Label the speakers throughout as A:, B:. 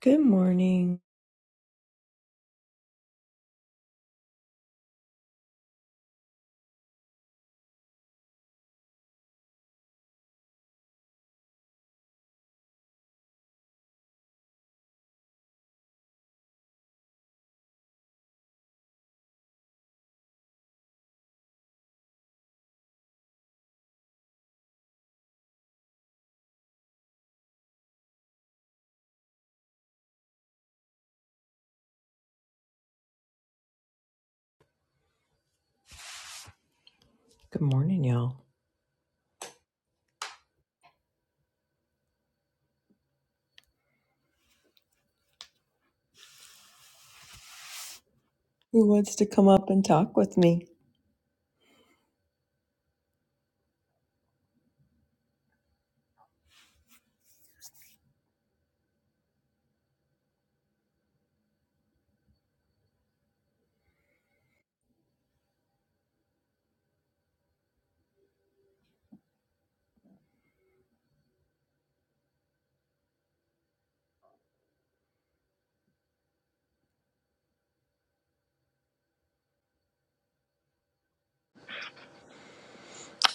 A: Good morning. Good morning, y'all. Who wants to come up and talk with me?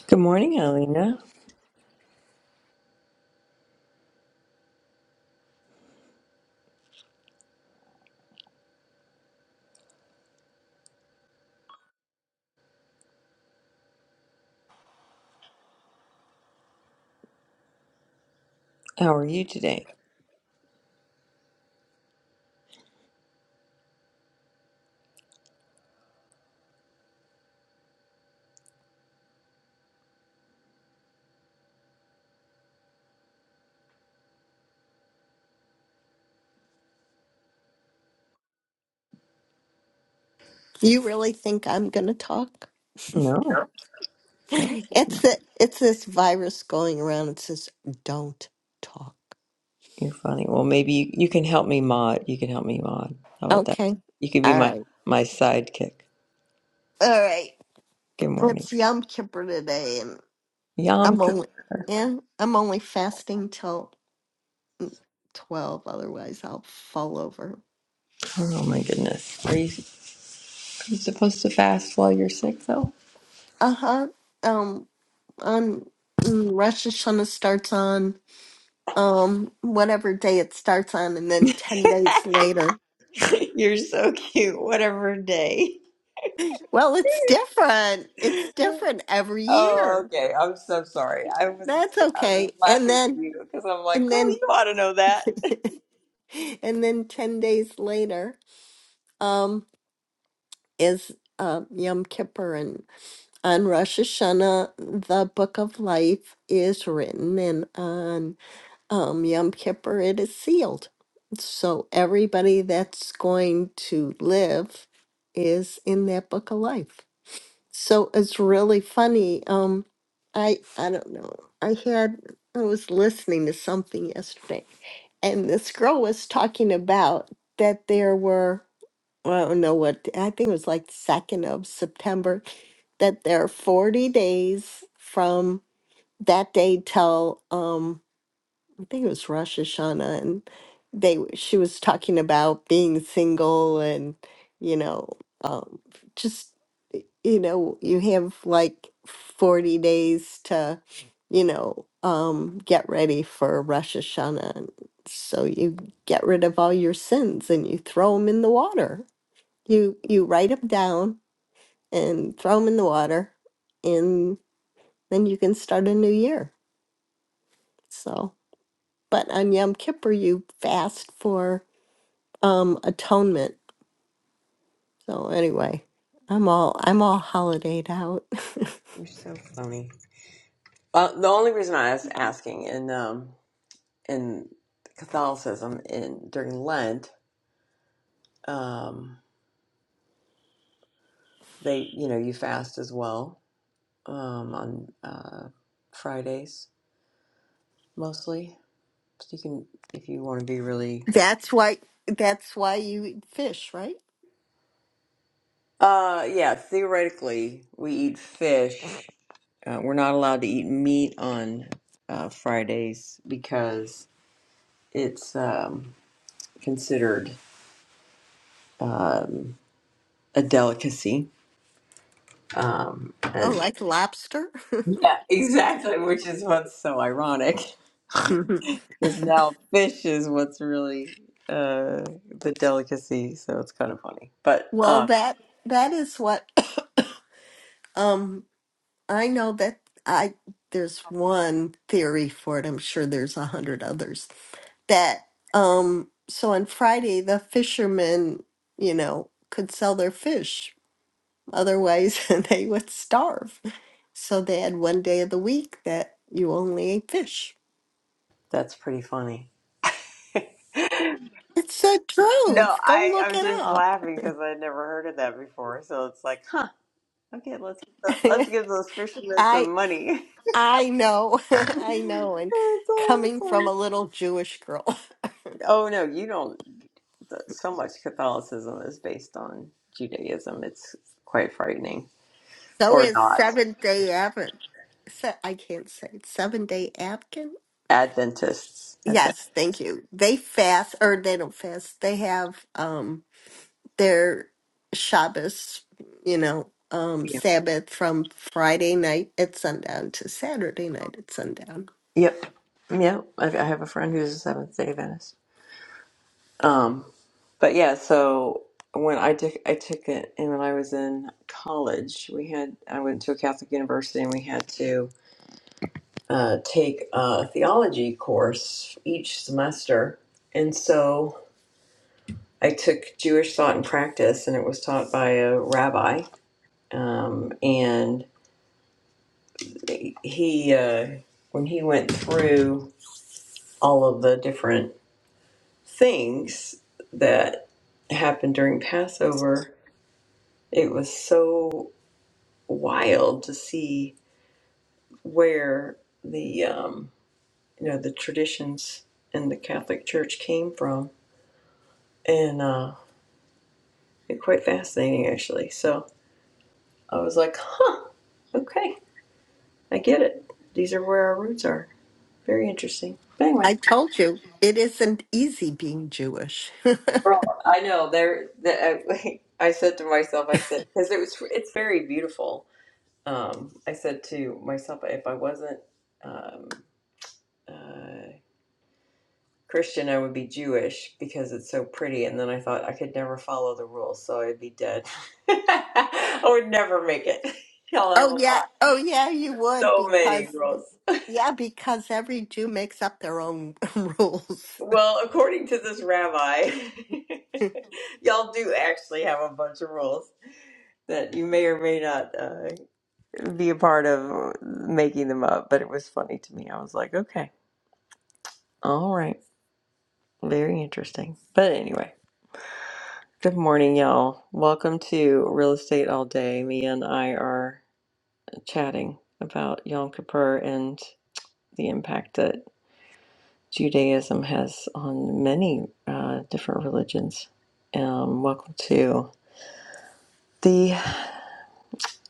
A: Good morning, Alina. How are you today?
B: You really think I'm going to talk?
A: No,
B: Yeah.
A: no,
B: It's the, it's this virus going around. It says don't talk.
A: you're funny. Well, maybe you, you can help me mod. You can help me mod. How about that?
B: Okay.
A: You could be
B: All
A: my
B: right.
A: my sidekick.
B: All right.
A: Good morning.
B: It's Yom Kippur today, and
A: Yom
B: I'm
A: Kippur.
B: only yeah I'm only fasting till twelve. Otherwise, I'll fall over.
A: Oh my goodness. Are you, are you supposed to fast while you're sick though?
B: Uh huh. Um. On mm, Rosh Hashanah starts on um whatever day it starts on, and then ten days later.
A: you're so cute. Whatever day.
B: Well, it's different. It's different every
A: Oh,
B: year.
A: okay. I'm so sorry. I was
B: That's
A: I was
B: okay. And
A: laughing at
B: then
A: you because I'm like,
B: and
A: girl, you
B: then
A: ought to know that.
B: and then 10 days later um is um Yom Kippur and on Rosh Hashanah the book of life is written and on um Yom Kippur it is sealed. So everybody that's going to live is in that book of life. So it's really funny. Um, I I don't know. I had I was listening to something yesterday, and this girl was talking about that there were I don't know what I think it was like the second of September that there are forty days from that day till um I think it was Rosh Hashanah, and they she was talking about being single and you know um, just y- you know you have like forty days to you know um, get ready for Rosh Hashanah, and so you get rid of all your sins and you throw them in the water. You you write them down and throw them in the water, and then you can start a new year. So but on Yom Kippur you fast for um atonement. So anyway, I'm all I'm all holidayed out.
A: You're so funny. Uh, the only reason I was asking in um in Catholicism in during Lent, um, they you know you fast as well um, on uh, Fridays mostly. So you can if you want to be really
B: that's why that's why you eat fish, right?
A: uh yeah theoretically we eat fish Uh, we're not allowed to eat meat on uh, Fridays because it's um, considered um, a delicacy. Um,
B: Oh,
A: and
B: like lobster?
A: yeah, exactly, which is what's so ironic because now fish is what's really uh, the delicacy. So it's kind of funny, but
B: well,
A: um,
B: that that is what um I know that I there's one theory for it. I'm sure there's a hundred others that um so on Friday the fishermen, you know, could sell their fish Otherwise, they would starve. So they had one day of the week that you only ate fish.
A: that's pretty funny.
B: It's the
A: no,
B: truth. Go
A: I
B: look
A: I'm
B: it
A: just
B: up.
A: laughing because I never heard of that before. So it's like, huh. Okay, let's let's give those fishermen some
B: I
A: money.
B: I know.
A: That's
B: I know. And coming from
A: awesome.
B: a little Jewish girl,
A: Oh no, you don't. So much Catholicism is based on Judaism. It's quite frightening,
B: so
A: or
B: is
A: not
B: Seventh Day Advent. Se- I can't say it. Seven Day Advent.
A: Adventists. Advent.
B: Yes, thank you. They fast, or they don't fast. They have. um. their Shabbos, you know, um,
A: Yeah.
B: Sabbath from Friday night at sundown to Saturday night at sundown.
A: Yep. Yep. I I have a friend who's a Seventh Day Adventist. Um, but yeah, so when I took I took it, and when I was in college, we had I went to a Catholic university, and we had to. uh, take a theology course each semester. And so I took Jewish Thought and Practice, and it was taught by a rabbi. Um, and he, uh, when he went through all of the different things that happened during Passover, it was so wild to see where the um, you know the traditions in the Catholic Church came from, and uh, They're quite fascinating, actually. So I was like, huh, okay, I get it. These are where our roots are. Very interesting. But anyway,
B: I told you it isn't easy being Jewish.
A: I know there. I, I said to myself, I said because it was, it's very beautiful. Um, I said to myself, if I wasn't um, uh, Christian, I would be Jewish because it's so pretty. And then I thought I could never follow the rules, so I'd be dead. I would never make it. Y'all have
B: oh
A: a
B: yeah,
A: lot,
B: oh yeah, you would
A: so many
B: because
A: rules.
B: yeah, because every Jew makes up their own rules.
A: Well, according to this rabbi, y'all do actually have a bunch of rules that you may or may not uh, be a part of making them up, but it was funny to me. I was like, okay, all right, very interesting. But anyway, good morning, y'all. Welcome to Real Estate All Day. Me and I are chatting about Yom Kippur and the impact that Judaism has on many uh, different religions. Um, welcome to. the.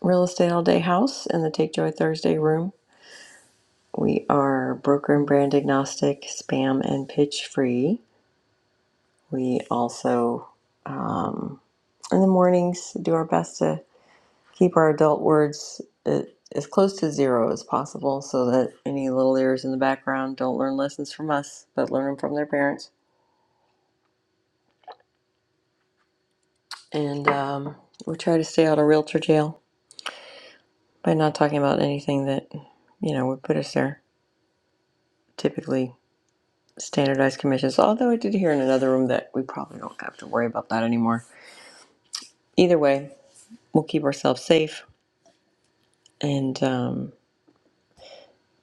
A: Real Estate All Day House in the Take Joy Thursday room. We are broker and brand agnostic, spam and pitch free. We also, um, in the mornings, do our best to keep our adult words uh, as close to zero as possible so that any little ears in the background don't learn lessons from us, but learn them from their parents. And um, we try to stay out of realtor jail by not talking about anything that, you know, would put us there typically standardized commissions. Although I did hear in another room that we probably don't have to worry about that anymore. Either way, we'll keep ourselves safe. And um,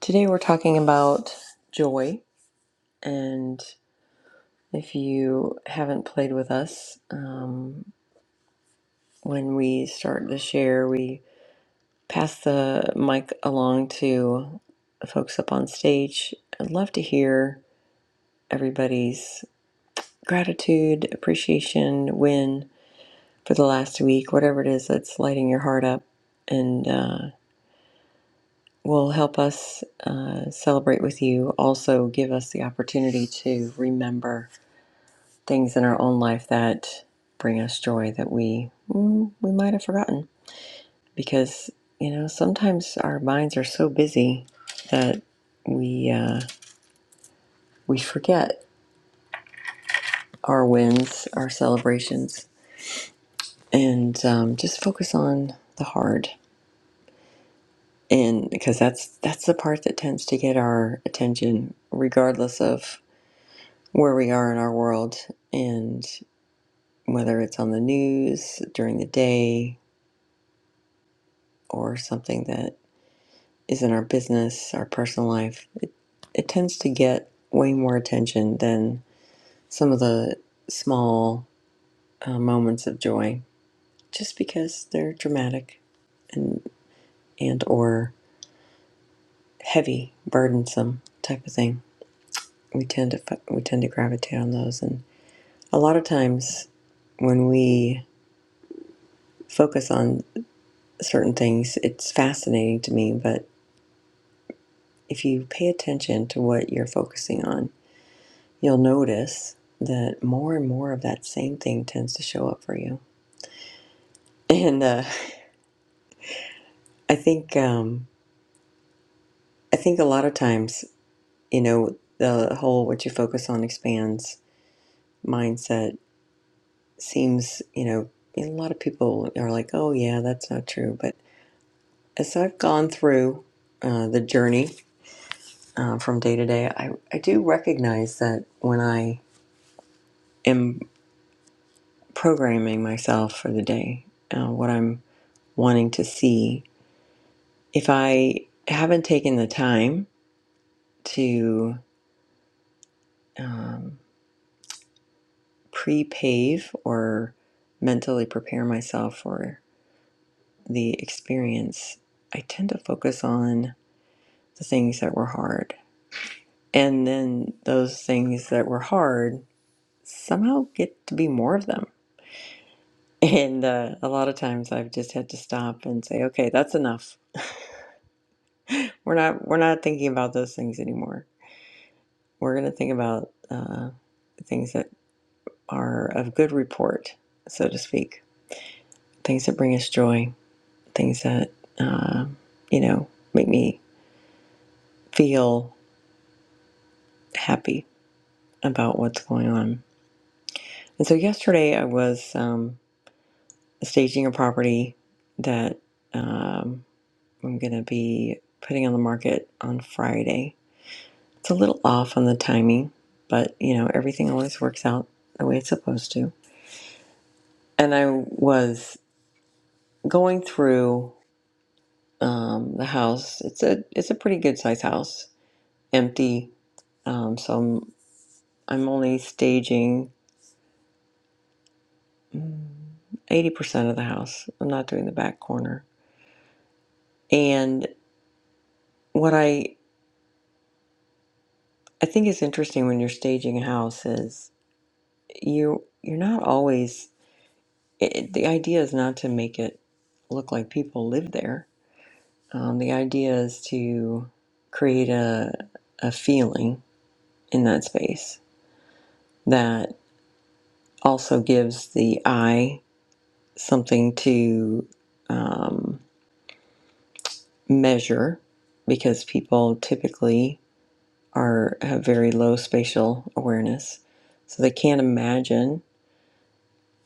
A: today we're talking about joy. And if you haven't played with us, um, when we start the share, we pass the mic along to the folks up on stage. I'd love to hear everybody's gratitude, appreciation, win for the last week, whatever it is that's lighting your heart up, and uh, will help us uh, celebrate with you. Also, give us the opportunity to remember things in our own life that bring us joy that we mm, we might have forgotten because you know sometimes our minds are so busy that we uh, we forget our wins, our celebrations, and um, just focus on the hard. and because that's that's the part that tends to get our attention regardless of where we are in our world and whether it's on the news during the day or something that is in our business our personal life it, it tends to get way more attention than some of the small uh, moments of joy just because they're dramatic and and or heavy burdensome type of thing we tend to we tend to gravitate on those and A lot of times when we focus on certain things, it's fascinating to me, but if you pay attention to what you're focusing on, you'll notice that more and more of that same thing tends to show up for you. And uh, I think um, I think a lot of times, you know, the whole what you focus on expands mindset seems, you know, a lot of people are like, "Oh yeah, that's not true." But as I've gone through uh, the journey uh, from day to day, I, I do recognize that when I am programming myself for the day, uh, what I'm wanting to see, if I haven't taken the time to um, pre pave or mentally prepare myself for the experience, I tend to focus on the things that were hard. And then those things that were hard somehow get to be more of them and uh, a lot of times I've just had to stop and say, okay, that's enough. We're not we're not thinking about those things anymore. We're going to think about uh, things that are of good report, so to speak. Things that bring us joy. Things that uh, you know make me feel happy about what's going on. And so yesterday I was um, staging a property that um, I'm going to be putting on the market on Friday It's a little off on the timing, but you know, everything always works out the way it's supposed to. And I was going through um, the house. It's a it's a pretty good size house, empty. Um, so I'm I'm only staging mm, eighty percent of the house. I'm not doing the back corner. And what I I think is interesting when you're staging a house is you you're not always. It, the idea is not to make it look like people live there Um, the idea is to create a, a feeling in that space that also gives the eye something to um, measure because people typically are have very low spatial awareness so they can't imagine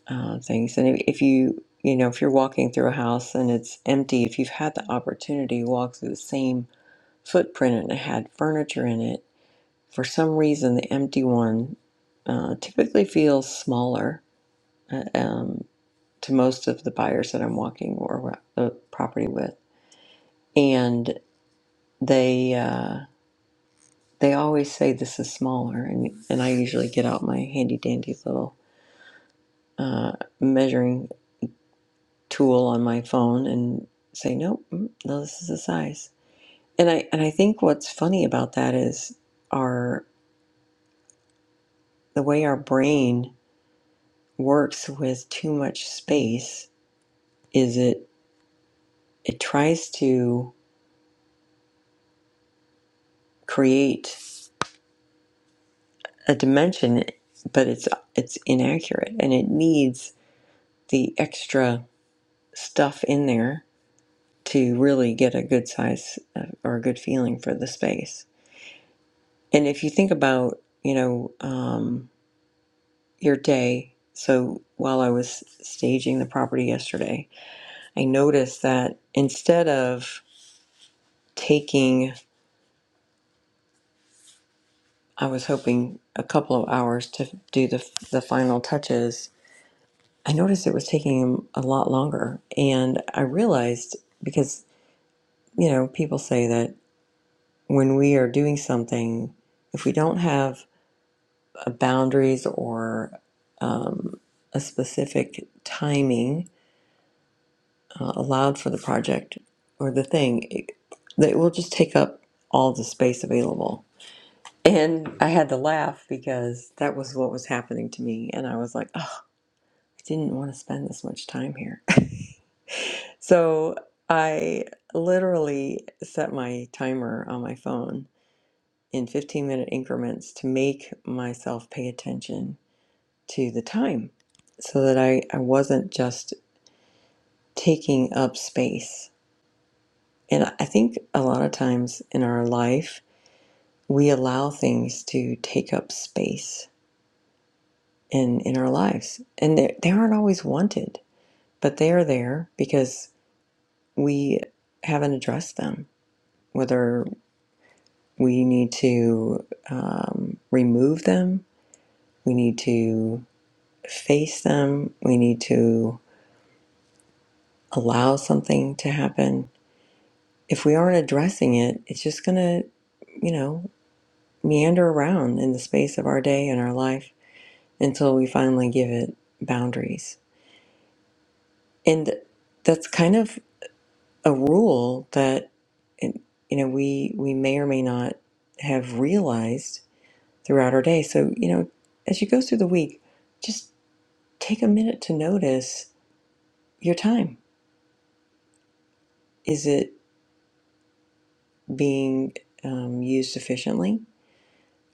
A: uh, things and if, if you you know if you're walking through a house and it's empty if you've had the opportunity to walk through the same footprint and it had furniture in it For some reason, the empty one uh, typically feels smaller uh, um, to most of the buyers that I'm walking or the property with, and they uh, they always say this is smaller, and and I usually get out my handy dandy little uh, measuring tool on my phone and say nope, mm, no, this is the size. And I and I think what's funny about that is our the way our brain works with too much space is it it tries to create a dimension but it's it's inaccurate and it needs the extra stuff in there to really get a good size uh, or a good feeling for the space and if you think about you know um, your day so while i was staging the property yesterday i noticed that instead of taking i was hoping a couple of hours to do the, the final touches I noticed it was taking him a lot longer. And I realized because, you know, people say that when we are doing something, if we don't have a boundaries or um, a specific timing uh, allowed for the project or the thing, it, that it will just take up all the space available. And I had to laugh because that was what was happening to me. And I was like, oh, I didn't want to spend this much time here So I literally set my timer on my phone in 15 minute increments to make myself pay attention to the time so that I, I wasn't just taking up space. And I I think a lot of times in our life, we allow things to take up space in, in our lives. And they, they aren't always wanted, but they are there because we haven't addressed them. whether. We need to um, remove them. We need to face them. We need to allow something to happen. If we aren't addressing it, it's just going to, you know, meander around in the space of our day and our life until we finally give it boundaries. And that's kind of a rule that, you know, we, we may or may not have realized throughout our day. So, you know, as you go through the week, just take a minute to notice your time. Is it being um, used efficiently?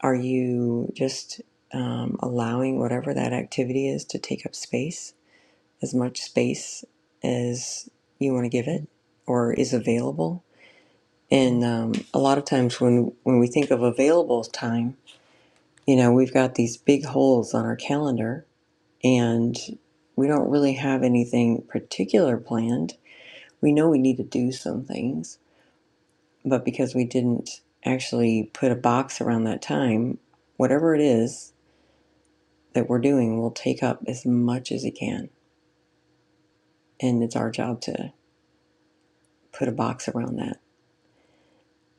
A: Are you just um, allowing whatever that activity is to take up space, as much space as you want to give it or is available? And um, a lot of times when, when we think of available time, you know, we've got these big holes on our calendar and we don't really have anything particular planned. We know we need to do some things, but because we didn't actually put a box around that time, whatever it is that we're doing will take up as much as it can, and it's our job to put a box around that.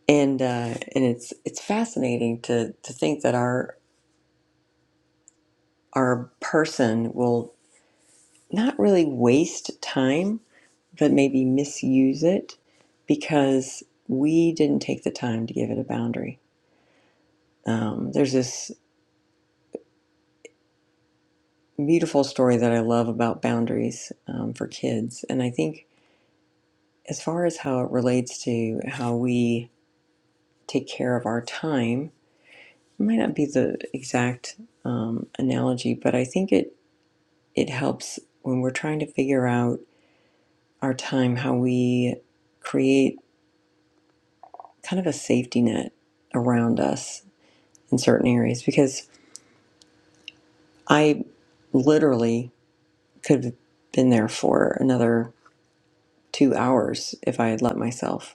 A: And uh, and it's it's fascinating to to think that our our person will not really waste time, but maybe misuse it because we didn't take the time to give it a boundary. Um, there's this. beautiful story that I love about boundaries um, for kids. And I think, as far as how it relates to how we take care of our time, it might not be the exact um, analogy, but I think it, it helps when we're trying to figure out our time, how we create kind of a safety net around us in certain areas. Because I literally could have been there for another two hours if I had let myself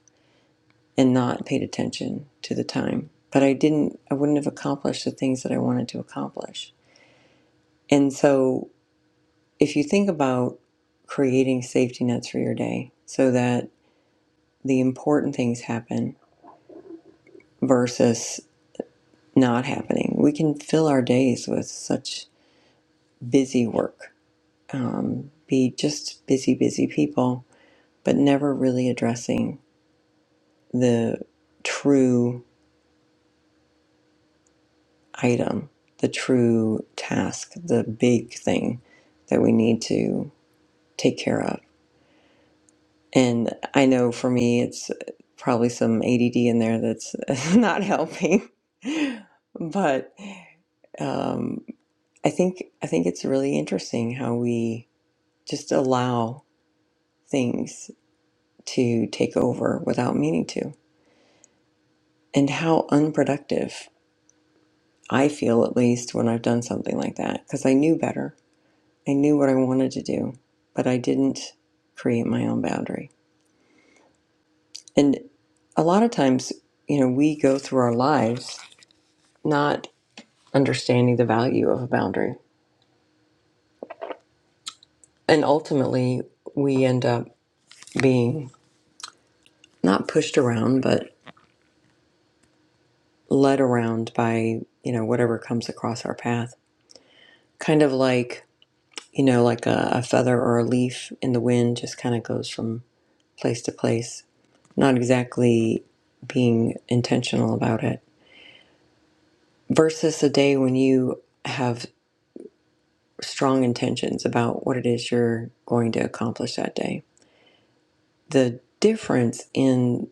A: and not paid attention to the time. But I didn't, I wouldn't have accomplished the things that I wanted to accomplish. And so if you think about creating safety nets for your day so that the important things happen versus not happening, we can fill our days with such busy work, um, be just busy, busy people, but never really addressing the true item, the true task, the big thing that we need to take care of. And I know for me, it's probably some ADD in there that's not helping. But um, I think I think it's really interesting how we just allow things to take over without meaning to, and how unproductive I feel at least when I've done something like that because I knew better I knew what I wanted to do, but I didn't create my own boundary. And a lot of times, you know, we go through our lives not understanding the value of a boundary. And ultimately, we end up being not pushed around, but led around by, you know, whatever comes across our path. Kind of like, you know, like a, a feather or a leaf in the wind just kind of goes from place to place, not exactly being intentional about it. versus a day when you have strong intentions about what it is you're going to accomplish that day. The difference in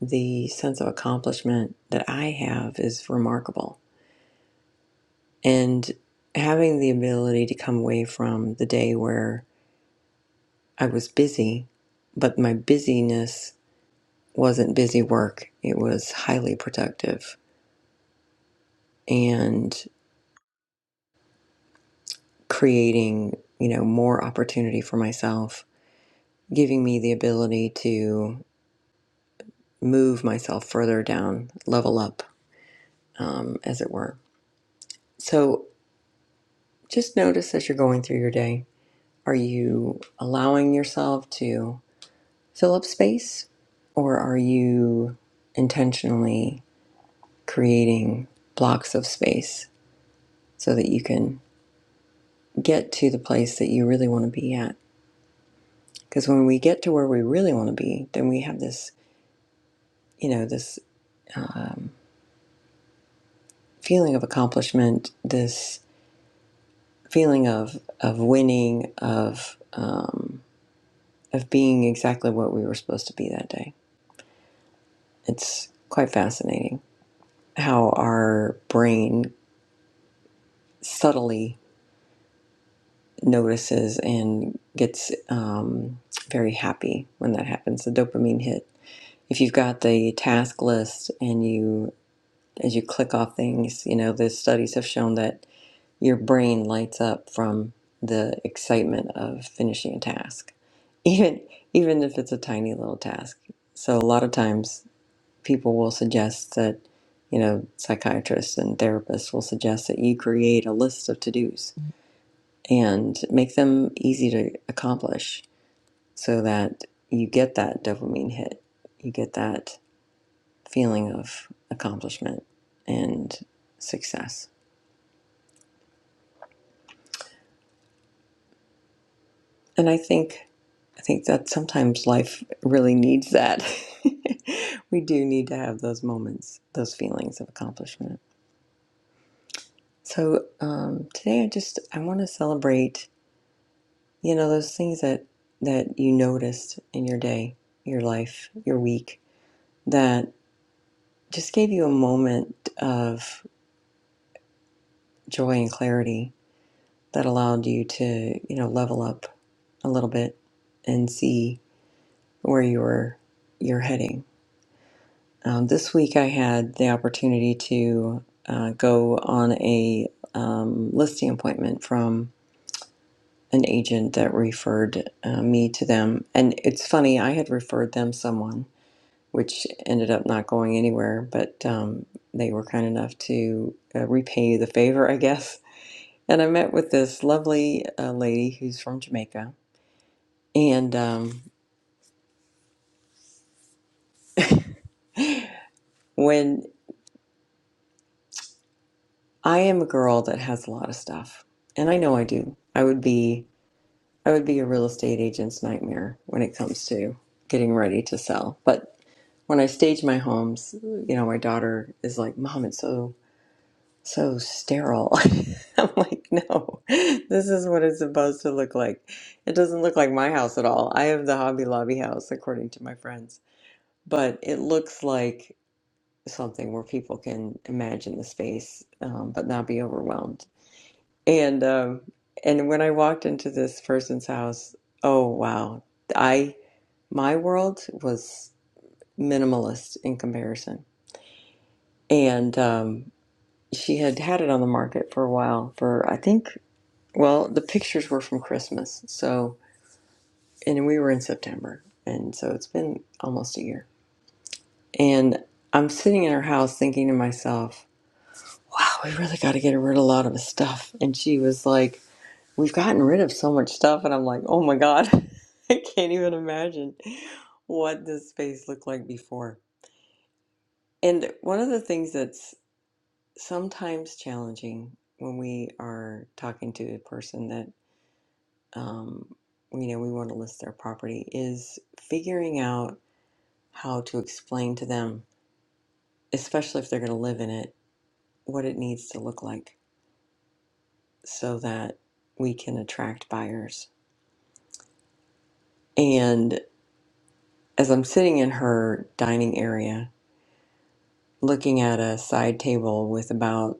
A: the sense of accomplishment that I have is remarkable. And having the ability to come away from the day where I was busy, but my busyness wasn't busy work, it was highly productive and creating, you know, more opportunity for myself, giving me the ability to move myself further down, level up, um, as it were. So just notice as you're going through your day are you allowing yourself to fill up space, or are you intentionally creating blocks of space so that you can get to the place that you really want to be at? Because when we get to where we really want to be, then we have this, you know, this feeling of accomplishment, this feeling of of winning, of um, of being exactly what we were supposed to be that day. It's quite fascinating how our brain subtly notices and gets um, very happy when that happens. The dopamine hit. If you've got the task list and you, as you click off things, you know, the studies have shown that your brain lights up from the excitement of finishing a task, even even if it's a tiny little task. So a lot of times. people will suggest that, you know, psychiatrists and therapists will suggest that you create a list of to dos and make them easy to accomplish so that you get that dopamine hit. You get that feeling of accomplishment and success. And I think I think that sometimes life really needs that. we do need to have those moments, those feelings of accomplishment. So um, today, I just I want to celebrate You know, those things that that you noticed in your day, your life, your week that just gave you a moment of joy and clarity that allowed you to, you know, level up a little bit and see where you were you're heading. Um, this week, I had the opportunity to uh, go on a um, listing appointment from an agent that referred uh, me to them, and it's funny I had referred them someone which ended up not going anywhere, but um, they were kind enough to uh, repay the favor, I guess. And I met with this lovely uh, lady who's from Jamaica. And um, when I am a girl that has a lot of stuff, and I know I do, I would be I would be a real estate agent's nightmare when it comes to getting ready to sell. But when I stage my homes, you know, my daughter is like, "Mom, it's so so sterile. I'm like, no, this is what it's supposed to look like. It doesn't look like my house at all. I have the Hobby Lobby house, according to my friends, but it looks like something where people can imagine the space, um, but not be overwhelmed. And um, and when I walked into this person's house, oh wow, I my world was minimalist in comparison, and um, she had had it on the market for a while for I think. Well, the pictures were from Christmas. So, and we were in September. And so it's been almost a year. And I'm sitting in her house thinking to myself, wow, we really got to get rid of a lot of this stuff. And she was like, we've gotten rid of so much stuff. And I'm like, oh my God, I can't even imagine what this space looked like before. And one of the things that's sometimes challenging when we are talking to a person that um, you know, we want to list their property, is figuring out how to explain to them, especially if they're going to live in it, what it needs to look like so that we can attract buyers. And as I'm sitting in her dining area, looking at a side table with about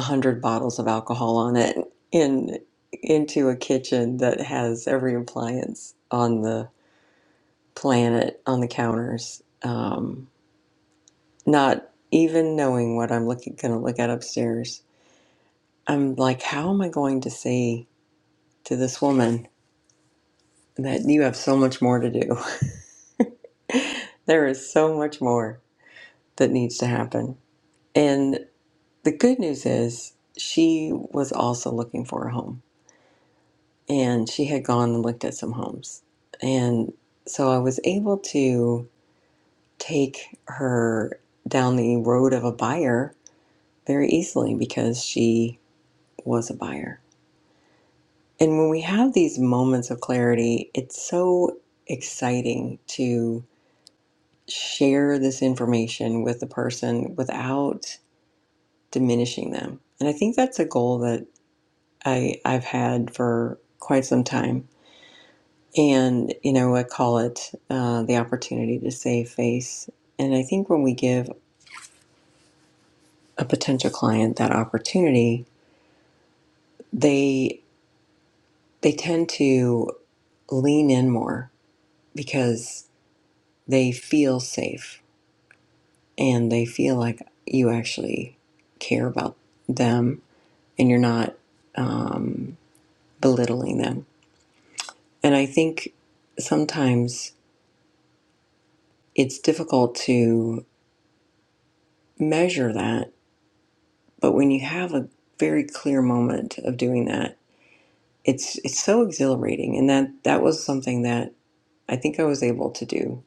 A: 100 bottles of alcohol on it in into a kitchen that has every appliance on the planet on the counters Um, not even knowing what I'm looking gonna look at upstairs. I'm like, how am I going to say to this woman that you have so much more to do? there is so much more that needs to happen. And the good news is she was also looking for a home. And she had gone and looked at some homes. And so I was able to take her down the road of a buyer very easily because she was a buyer And when we have these moments of clarity, it's so exciting to share this information with the person without diminishing them. And I think that's a goal that I, I've had for quite some time. And, you know, I call it uh, the opportunity to save face. And I think when we give a potential client that opportunity, they they tend to lean in more because they feel safe and they feel like you actually care about them and you're not um, belittling them. And I think sometimes it's difficult to measure that, but when you have a very clear moment of doing that, it's it's so exhilarating. And that that was something that I think I was able to do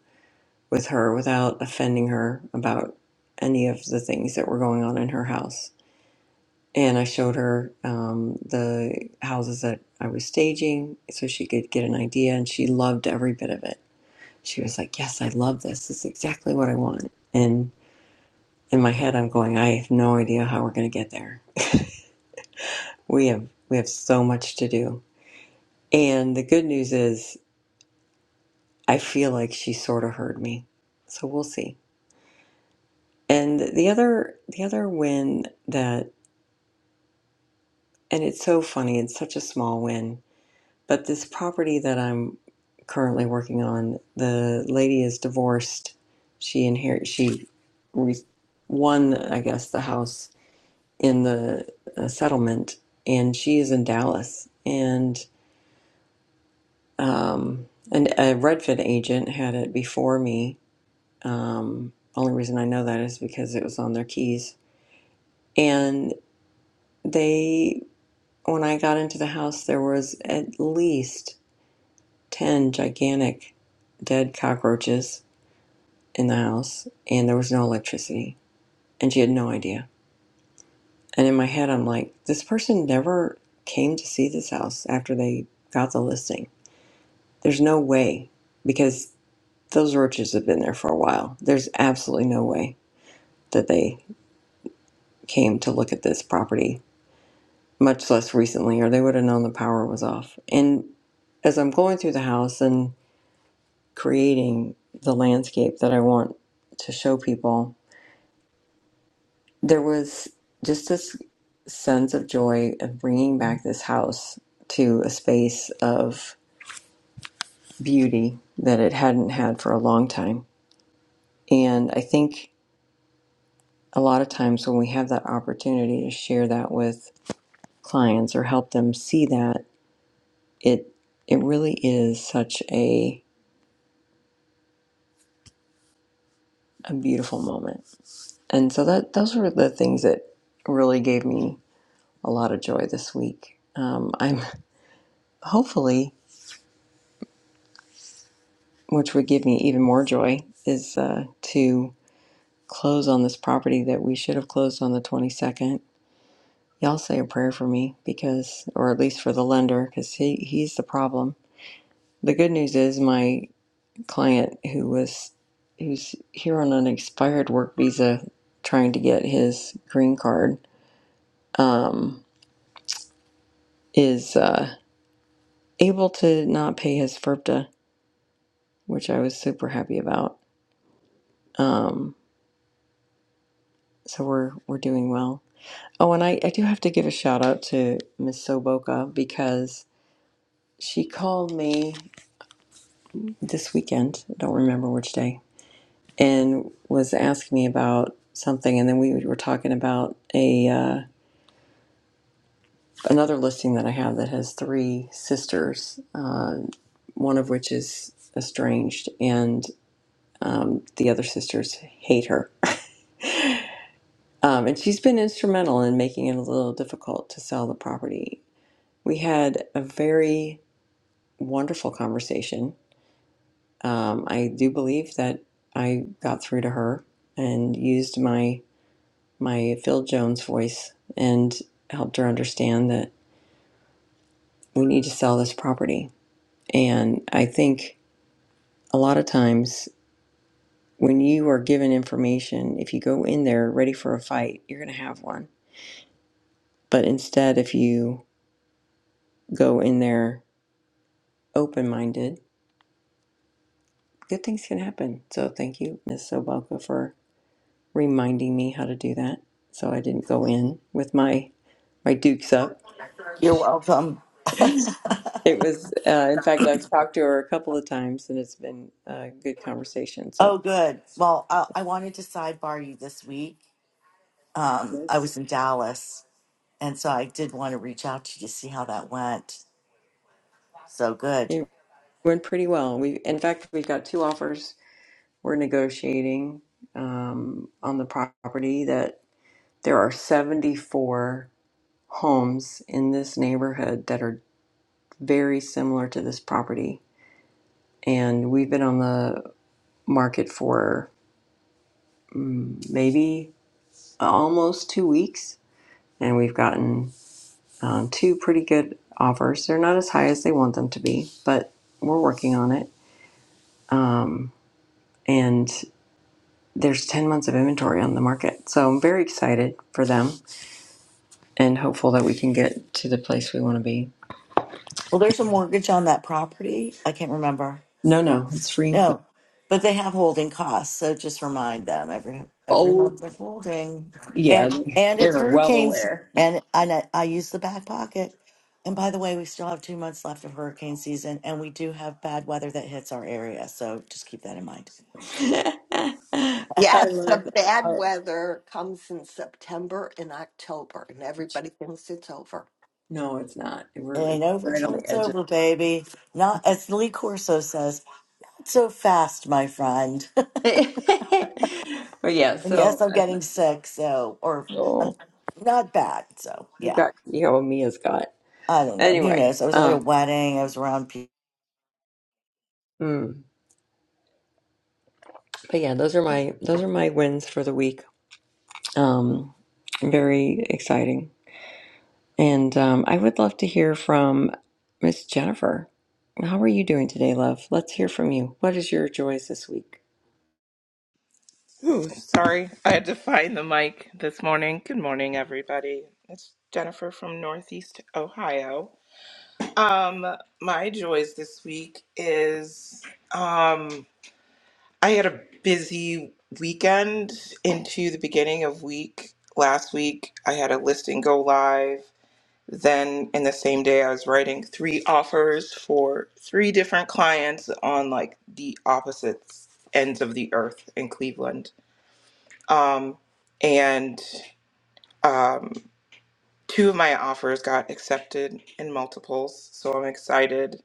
A: with her without offending her about any of the things that were going on in her house and I showed her um, the houses that I was staging so she could get an idea, and she loved every bit of it. She was like, "Yes, I love this. This is exactly what I want." And in my head, I'm going, "I have no idea how we're going to get there. We have we have so much to do." And the good news is, I feel like she sort of heard me, so we'll see. And the other the other win that, and it's so funny. It's such a small win But this property that I'm currently working on, the lady is divorced. She inherit she re- won, I guess, the house in the uh, settlement, and she is in Dallas. And um, and a Redfin agent had it before me. Um, only reason I know that is because it was on their keys. And they, when I got into the house, there was at least ten gigantic dead cockroaches in the house and there was no electricity and she had no idea. And in my head, I'm like, this person never came to see this house after they got the listing. There's no way because those roaches have been there for a while. There's absolutely no way that they came to look at this property, much less recently, or they would have known the power was off. And as I'm going through the house and creating the landscape that I want to show people, there was just this sense of joy of bringing back this house to a space of beauty that it hadn't had for a long time. And I think a lot of times when we have that opportunity to share that with clients or help them see that, it it really is such a a beautiful moment. And so that those were the things that really gave me a lot of joy this week. Um, I'm hopefully which would give me even more joy, is uh, to close on this property that we should have closed on the 22nd. Y'all say a prayer for me because, or at least for the lender, because he, he's the problem. The good news is my client who was who's here on an expired work visa trying to get his green card um, is uh, able to not pay his FERPTA, which I was super happy about. Um, so we're we're doing well Oh, and I, I do have to give a shout out to Miss Soboka because she called me this weekend, I don't remember which day, and was asking me about something. And then we were talking about a uh, another listing that I have that has three sisters, uh, one of which is estranged, and um, the other sisters hate her. Um, and she's been instrumental in making it a little difficult to sell the property. We had a very wonderful conversation Um, I do believe that I got through to her and used my my Phil Jones voice and helped her understand that we need to sell this property. And I think a lot of times when you are given information, if you go in there ready for a fight, you're going to have one. But instead, if you go in there open minded, good things can happen. So thank you, Ms. Soboka, for reminding me how to do that. So I didn't go in with my my dukes up.
C: You're welcome.
A: It was, uh, in fact, I've talked to her a couple of times, and it's been a good conversation.
C: Oh,
A: So
C: good. Well, I, I wanted to sidebar you this week. Um, I
A: it's,
C: was in Dallas, and so I did want to reach out to you to see how that went. So good.
A: it went pretty well. We, in fact, we've got two offers we're negotiating um, on the property. That there are seventy four homes in this neighborhood that are very similar to this property, and we've been on the market for mm, maybe almost two weeks, and we've gotten Um, two pretty good offers. They're not as high as they want them to be, but we're working on it. Um, and there's 10 months of inventory on the market. So I'm very excited for them and hopeful that we can get to the place we want to be.
C: Well, there's a mortgage on that property. I can't remember.
A: No, no, it's free and clear.
C: No, but they have holding costs, so just remind them every every
A: Oh,
C: month they're holding,
A: yeah,
C: and and it's
A: they're well
C: hurricanes,
A: aware.
C: and I know- I use the back pocket. And by the way, we still have two months left of hurricane season, and we do have bad weather that hits our area, so just keep that in mind.
A: I
B: Yes, the
A: love that.
B: bad
A: Oh,
B: weather comes in September and October, and everybody thinks it's over.
A: no, it's not.
C: It
A: We're
C: ain't over
A: right on
C: till
A: the
C: it's
A: edge of
C: over, baby. Not as Lee Corso says, not so fast, my friend.
A: it. but yeah,
C: and yes,
A: so
C: I'm
A: I'm,
C: getting sick, so or I'm
A: oh,
C: not bad, so
A: you
C: yeah.
A: got, you know, Mia's got.
C: I don't know. Who
A: Anyway,
C: knows? I was at a
A: um,
C: wedding. I was around people.
A: mm, but yeah, those are my those are my wins for the week. Um, very exciting, and um, I would love to hear from Miss Jennifer. How are you doing today, love? Let's hear from you. What is your joys this week?
D: Ooh, sorry. I had to find the mic this morning. Good morning, everybody. It's Jennifer from Northeast Ohio. Um, my joys this week is um, I had a busy weekend into the beginning of week. Last week, I had a listing go live. Then, in the same day, I was writing three offers for three different clients on like the opposite ends of the earth in Cleveland. Um, and um, two of my offers got accepted in multiples, so I'm excited.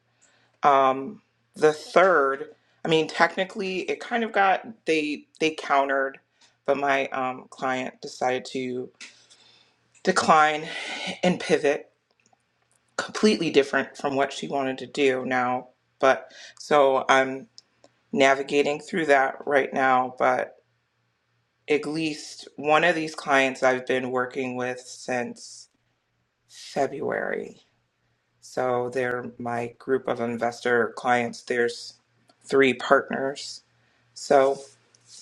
D: Um, the third, I mean, technically, it kind of got they they countered, but my um, client decided to decline and pivot completely different from what she wanted to do now. But so I'm navigating through that right now, but at least one of these clients I've been working with since February. So they're my group of investor clients. There's three partners. So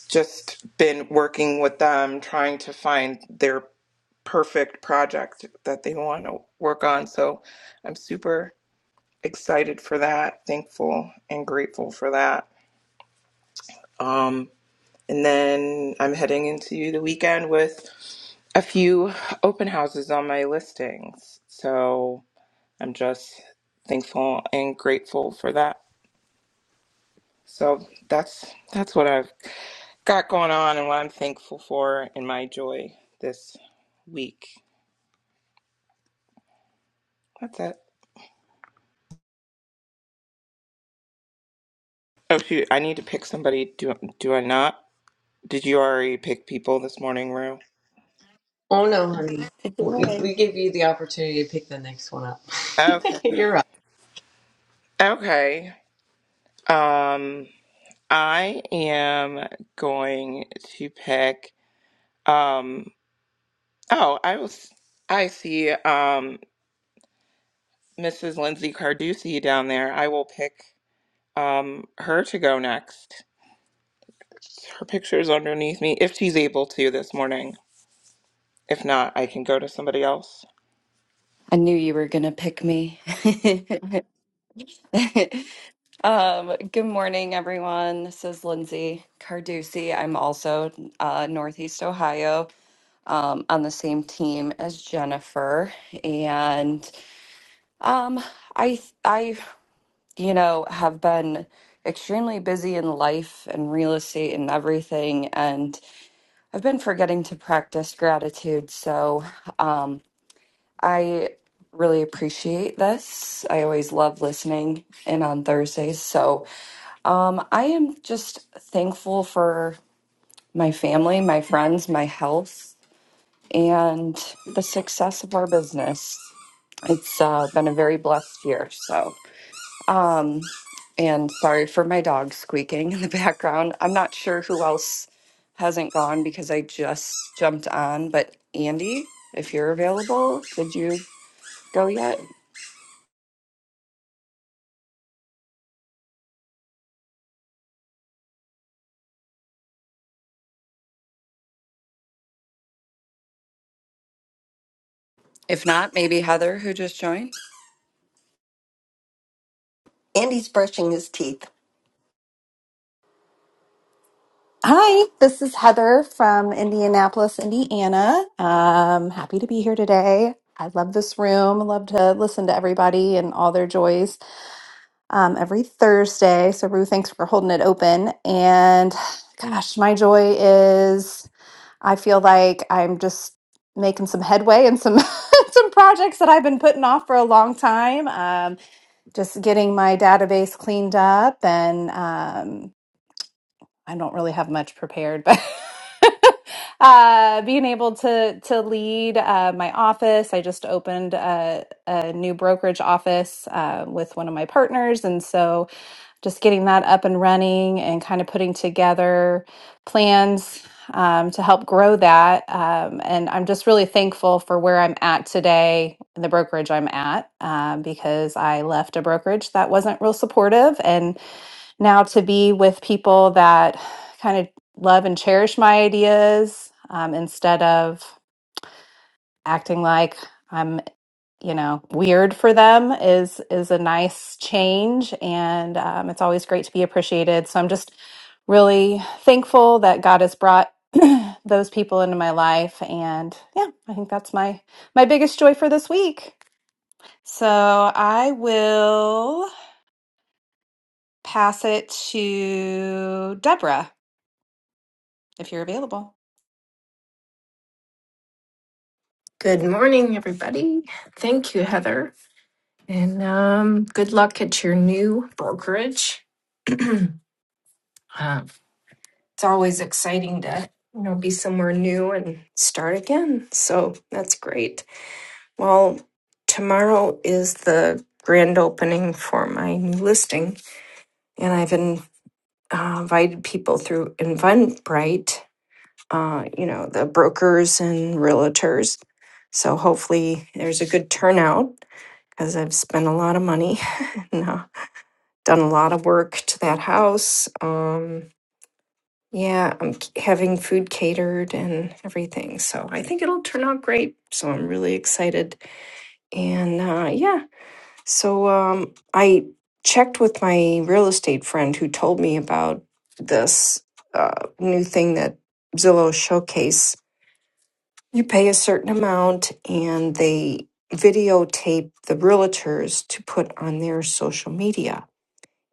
D: just been working with them, trying to find their perfect project that they want to work on. So I'm super excited for that, thankful and grateful for that. Um, and then I'm heading into the weekend with a few open houses on my listings. So I'm just thankful and grateful for that. So that's that's what I've got going on and what I'm thankful for in my joy this week. That's it. Oh shoot, I need to pick somebody. Do do I not? Did you already pick people this morning, Rue?
A: Oh no, honey. We
C: Good
A: we give you the opportunity to pick the next one up.
D: Okay.
A: You're up.
D: Okay. Um I am going to pick um oh, I was I see um Mrs. Lindsay Carducci down there. I will pick um her to go next. Her picture is underneath me if she's able to this morning. If not, I can go to somebody else.
E: I knew you were going to pick me. um, good morning, everyone. This is Lindsay Carducci. I'm also uh, Northeast Ohio um, on the same team as Jennifer. And um, I, I, you know, have been extremely busy in life and real estate and everything. And I've been forgetting to practice gratitude. So, um, I really appreciate this. I always love listening in on Thursdays. So um, I am just thankful for my family, my friends, my health, and the success of our business. It's uh, been a very blessed year. So, um, and sorry for my dog squeaking in the background. I'm not sure who else hasn't gone because I just jumped on, but Andy, if you're available, did you go yet? If not, maybe Heather, who just joined.
B: And he's brushing his teeth.
F: Hi, this is Heather from Indianapolis, Indiana. Um, happy to be here today. I love this room. I love to listen to everybody and all their joys um, every Thursday. So, Rue, thanks for holding it open. And gosh, my joy is I feel like I'm just making some headway and some some projects that I've been putting off for a long time. Um, just getting my database cleaned up and. um, I don't really have much prepared, but uh, being able to to lead uh, my office, I just opened a, a new brokerage office uh, with one of my partners, and so just getting that up and running and kind of putting together plans um, to help grow that. Um, and I'm just really thankful for where I'm at today, in the brokerage I'm at, um, because I left a brokerage that wasn't real supportive, and now to be with people that kind of love and cherish my ideas um, instead of acting like I'm, you know, weird for them is is a nice change, and um, it's always great to be appreciated. So I'm just really thankful that God has brought those people into my life, and yeah, I think that's my my biggest joy for this week. So I will pass it to Deborah if you're available.
G: Good morning, everybody. Thank you, Heather. And um, good luck at your new brokerage. Uh, it's always exciting to you know be somewhere new and start again. So that's great. Well, tomorrow is the grand opening for my new listing, and I've in, uh, invited people through Eventbrite. Uh, you know the brokers and realtors. So hopefully there's a good turnout because I've spent a lot of money and uh, done a lot of work to that house. Um, yeah, I'm c- having food catered and everything. So I think it'll turn out great. So I'm really excited. And uh, yeah, so um, I checked with my real estate friend who told me about this uh, new thing that Zillow Showcase. You pay a certain amount and they videotape the realtors to put on their social media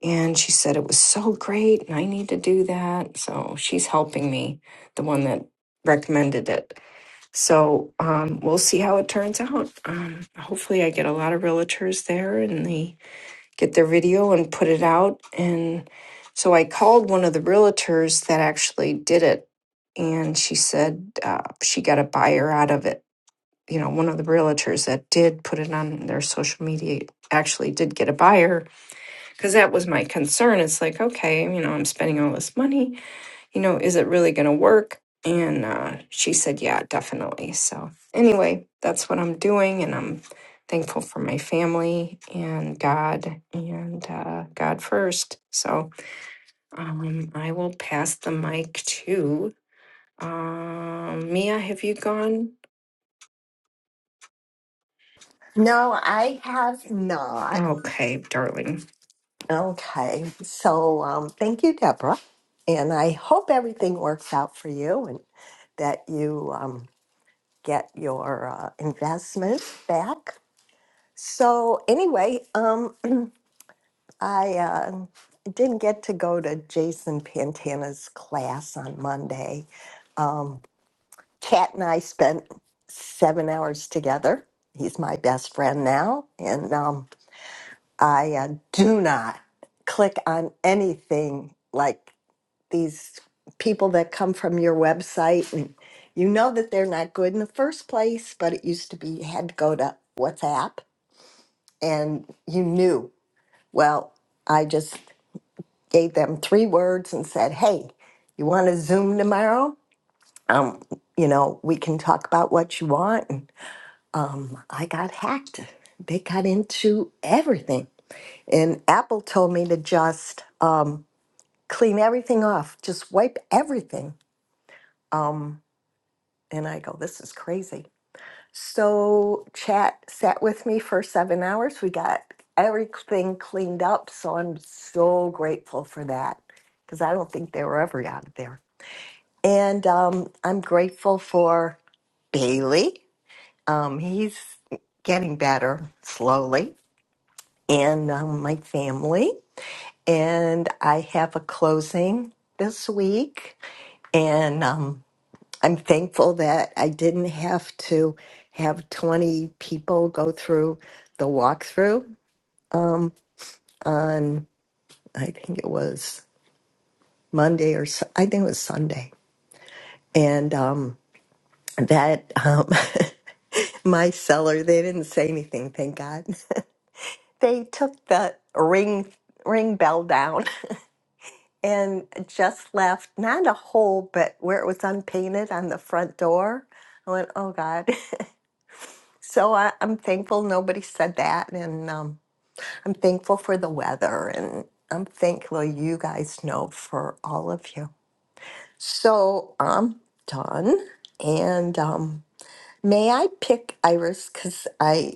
G: And she said it was so great and I need to do that. So she's helping me, the one that recommended it. So um, we'll see how it turns out. Um, hopefully, I get a lot of realtors there and they get their video and put it out. And so I called one of the realtors that actually did it. And she said uh, she got a buyer out of it. You know, one of the realtors that did put it on their social media actually did get a buyer because that was my concern. It's like, okay, you know, I'm spending all this money. You know, is it really going to work? And uh, she said, yeah, definitely. So, anyway, that's what I'm doing. And I'm thankful for my family and God and uh, God first. So, um, I will pass the mic to um, Mia. Have you gone?
B: No, I have not.
G: Okay, darling.
B: Okay, so um, thank you, Deborah. And I hope everything works out for you and that you um, get your uh, investment back. So, anyway, um, I uh, didn't get to go to Jason Pantana's class on Monday. Um, Kat and I spent seven hours together. He's my best friend now. And um, I uh, do not click on anything like these people that come from your website and you know that they're not good in the first place, but it used to be you had to go to WhatsApp and you knew. Well, I just gave them three words and said, Hey, you want to Zoom tomorrow? Um, you know, we can talk about what you want. And, um, I got hacked. They got into everything. And Apple told me to just um, clean everything off, just wipe everything. Um, And I go, this is crazy. So chat sat with me for seven hours. We got everything cleaned up. So I'm so grateful for that because I don't think they were ever out of there. And um, I'm grateful for Bailey. Um, he's getting better slowly. And um, my family. And I have a closing this week. And um, I'm thankful that I didn't have to have 20 people go through the walkthrough um, on, I think it was Monday or Su- I think it was Sunday. And um, that um, my seller, they didn't say anything, thank God. they took the ring ring bell down and just left not a hole, but where it was unpainted on the front door. I went, oh God. So I, I'm thankful nobody said that, and um, I'm thankful for the weather, and I'm thankful you guys know for all of you. So I'm done, and um, may I pick Iris because I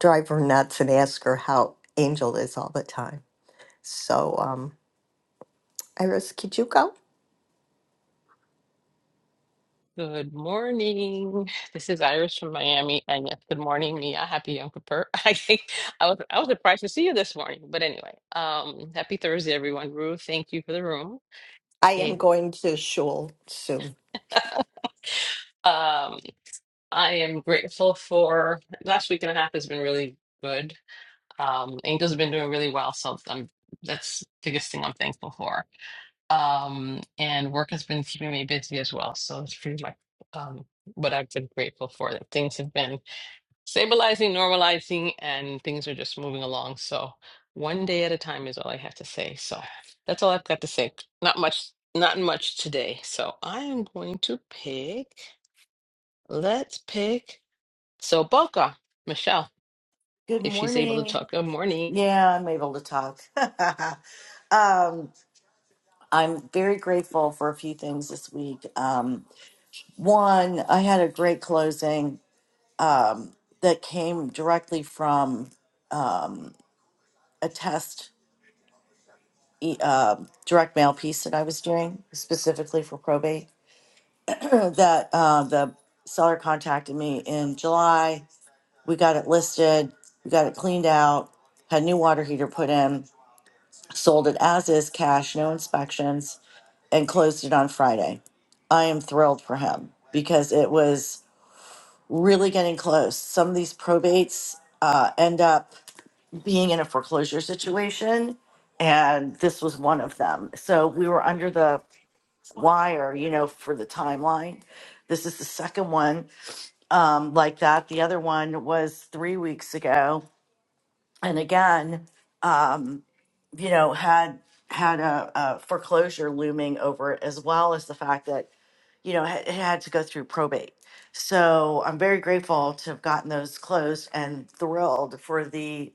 B: drive her nuts and ask her how Angel is all the time. So um, Iris, could you go?
H: Good morning. This is Iris from Miami. And yes, good morning, Mia. Happy Yom Kippur. I think I was I was surprised to see you this morning. But anyway, um, happy Thursday, everyone. Ruth, thank you for the room.
B: I
H: Eh,
B: am going to shul soon.
H: Um, I am grateful for last week and a half has been really good. Um, Angel's been doing really well, so I'm that's the biggest thing I'm thankful for. Um, and work has been keeping me busy as well. So it's pretty much um what I've been grateful for that things have been stabilizing, normalizing, and things are just moving along. So one day at a time is all I have to say. So that's all I've got to say. Not much, not much today. So I am going to pick. Let's pick Soboka, Michelle,
C: Good
H: if she's able to
C: morning.
H: talk. Good morning.
C: Yeah, I'm able to talk. um, I'm very grateful for a few things this week. Um, one, I had a great closing um, that came directly from um, a test e- uh, direct mail piece that I was doing specifically for probate. that uh, the seller contacted me in July. We got it listed. We got it cleaned out. Had new water heater put in sold it as is cash, no inspections, and closed it on Friday. I am thrilled for him because it was really getting close. Some of these probates uh, end up being in a foreclosure situation, and this was one of them. So we were under the wire, you know, for the timeline. This is the second one um, like that. The other one was three weeks ago. And again, um, you know, had had a, a foreclosure looming over it, as well as the fact that you know ha- it had to go through probate. So I'm very grateful to have gotten those closed, and thrilled for the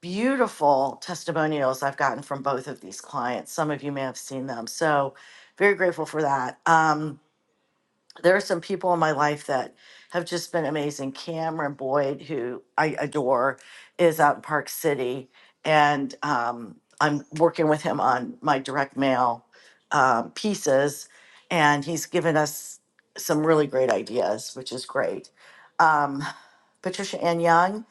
C: beautiful testimonials I've gotten from both of these clients. Some of you may have seen them, so very grateful for that. Um, there are some people in my life that have just been amazing. Cameron Boyd, who I adore, is out in Park City, and um, I'm working with him on my direct mail um, pieces, and he's given us some really great ideas, which is great. Um, Patricia Ann Young,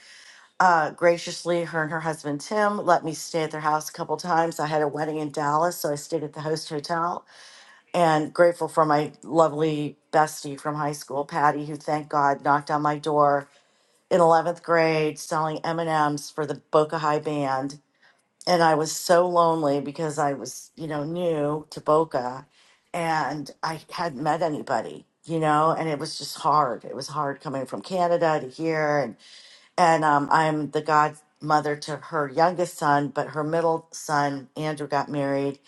C: uh, graciously, her and her husband Tim let me stay at their house a couple times. I had a wedding in Dallas, so I stayed at the host hotel and grateful for my lovely bestie from high school, Patty, who thank God knocked on my door in 11th grade selling M&Ms for the Boca High band. And I was so lonely because I was, you know, new to Boca and I hadn't met anybody, you know, and it was just hard. It was hard coming from Canada to here and and um, I'm the godmother to her youngest son, but her middle son Andrew got married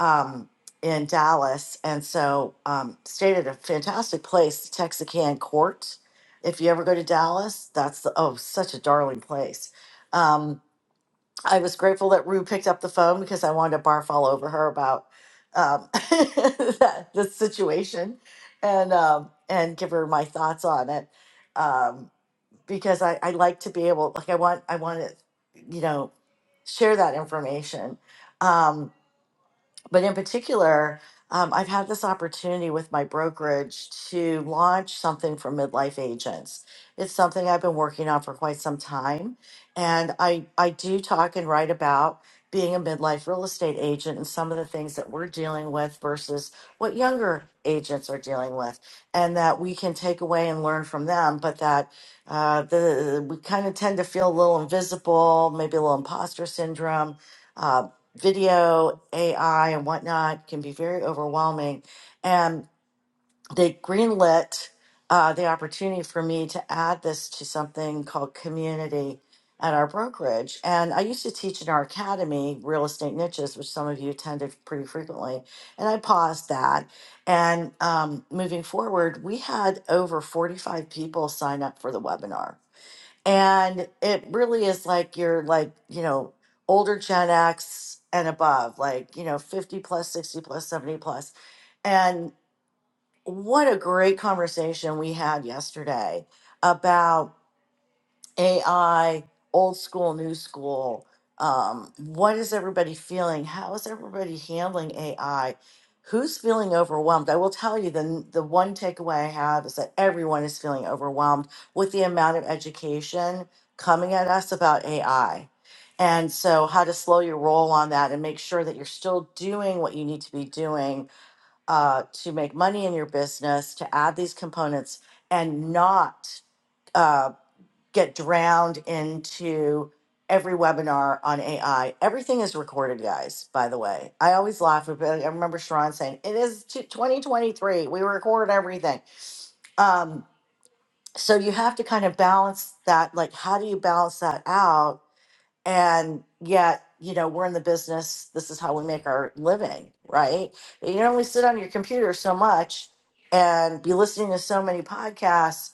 C: um, in Dallas, and so um, stayed at a fantastic place, Texarkana Court. If you ever go to Dallas, that's the, oh such a darling place. Um, I was grateful that Rue picked up the phone because I wanted to barf all over her about um, that, the situation and um, and give her my thoughts on it um, because I, I like to be able like I want I want to you know share that information. Um, but in particular, um, I've had this opportunity with my brokerage to launch something for midlife agents. It's something I've been working on for quite some time, and I I do talk and write about being a midlife real estate agent and some of the things that we're dealing with versus what younger agents are dealing with, and that we can take away and learn from them, but that uh, the we kind of tend to feel a little invisible, maybe a little imposter syndrome uh, video AI and whatnot can be very overwhelming. And they greenlit uh, the opportunity for me to add this to something called community at our brokerage. And I used to teach in our academy, Real Estate Niches, which some of you attended pretty frequently. And I paused that. And um, moving forward, we had over 45 people sign up for the webinar and it really is like you're like you know older gen x and above like you know 50 plus 60 plus 70 plus and what a great conversation we had yesterday about. AI, old school, new school. Um, what is everybody feeling? How is everybody handling AI? Who's feeling overwhelmed? I will tell you the, the one takeaway I have is that everyone is feeling overwhelmed with the amount of education coming at us about AI. And so, how to slow your roll on that and make sure that you're still doing what you need to be doing uh, to make money in your business, to add these components and not. uh, get drowned into every webinar on AI. Everything is recorded, guys, by the way. I always laugh about I remember Sharon saying, it is t- 2023. We record everything. Um, so you have to kind of balance that. Like, how do you balance that out? And yet, you know, we're in the business. This is how we make our living, right? You can only sit on your computer so much and be listening to so many podcasts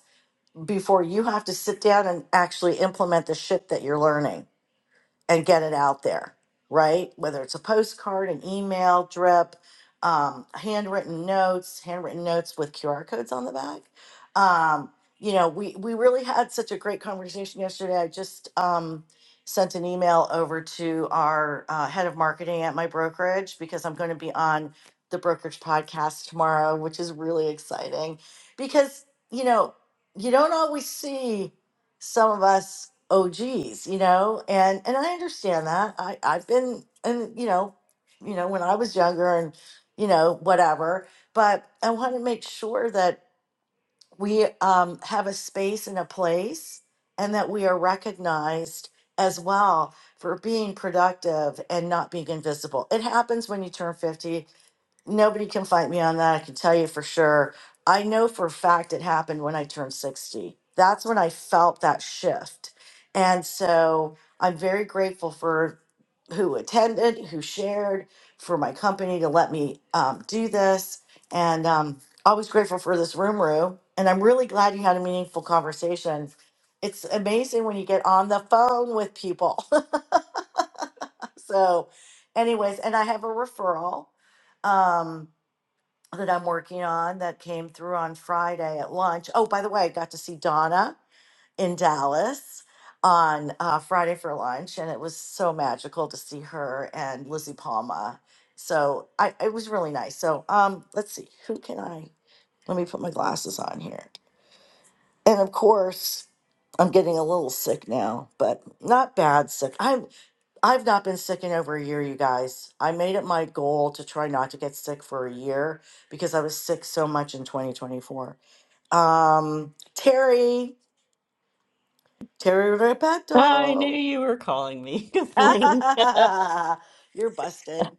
C: before you have to sit down and actually implement the shit that you're learning and get it out there, right? Whether it's a postcard, an email, drip, um, handwritten notes, handwritten notes with QR codes on the back. Um, you know, we we really had such a great conversation yesterday. I just um, sent an email over to our uh, head of marketing at my brokerage because I'm going to be on the brokerage podcast tomorrow, which is really exciting because you know you don't always see some of us oh geez you know and and i understand that i i've been and you know you know when i was younger and you know whatever but i want to make sure that we um, have a space and a place and that we are recognized as well for being productive and not being invisible it happens when you turn 50 Nobody can fight me on that. I can tell you for sure. I know for a fact it happened when I turned 60. That's when I felt that shift. And so I'm very grateful for who attended, who shared, for my company to let me um, do this. And um, always grateful for this room, Rue. And I'm really glad you had a meaningful conversation. It's amazing when you get on the phone with people. so, anyways, and I have a referral. Um, that I'm working on that came through on Friday at lunch. Oh, by the way, I got to see Donna in Dallas on uh, Friday for lunch, and it was so magical to see her and Lizzie Palma. So I, it was really nice. So um, let's see, who can I? Let me put my glasses on here. And of course, I'm getting a little sick now, but not bad sick. I'm. I've not been sick in over a year, you guys. I made it my goal to try not to get sick for a year because I was sick so much in 2024. Um, Terry, Terry
I: I knew
C: Repetto,
I: you were calling me. Good morning.
C: you're busted.